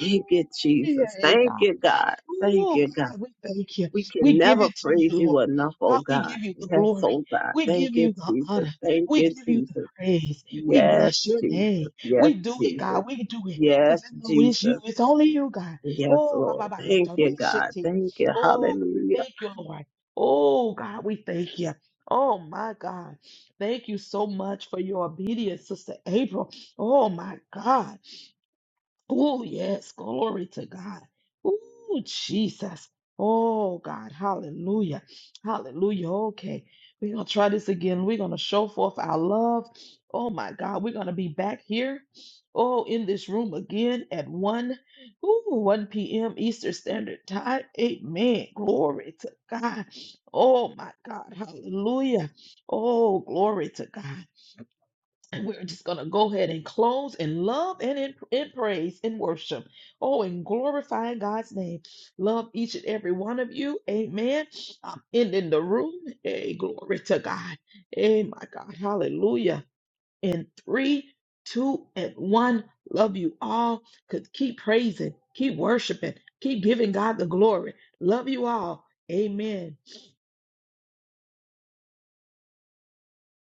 Thank you, Jesus.
yeah,
Thank you, God. Thank
Oh,
you, God.
God, we thank you.
We can
We give
never
it to
praise
you, Lord.
you enough, oh
God, we
God.
give you the
Yes,
glory.
oh God.
We give
Thank you,
you the
Jesus.
honor.
Thank
We
you,
give you the
Jesus.
praise. We
Yes,
bless your
Jesus.
name.
Yes,
We do it,
Jesus.
God. We do it.
Yes,
Because it's no you.
Jesus.
It's only you, God.
Yes,
Oh, ba, ba,
Lord.
ba, ye, ta,
Thank you,
ri, shi,
God.
ti.
Thank you.
oh God,
Hallelujah.
thank you, Lord. Oh, God, we thank you. Oh, my God. Thank you so much for your obedience, Sister April. Oh, my God. Oh, yes. Glory to God. Oh, Jesus. Oh, God. Hallelujah. Hallelujah. Okay. We're going to try this again. We're going to show forth our love. Oh, my God. We're going to be back here. Oh, in this room again at 1, ooh, 1 p.m. Eastern Standard Time. Amen. Glory to God. Oh, my God. Hallelujah. Oh, glory to God. And we're just going to go ahead and close in love and in, in praise and worship. Oh, and glorifying God's name. Love each and every one of you. Amen. I'm ending the room. Hey, glory to God. Hey, my God. Hallelujah. In three, two, and one. Love you all. Could keep praising, keep worshiping, keep giving God the glory. Love you all. Amen.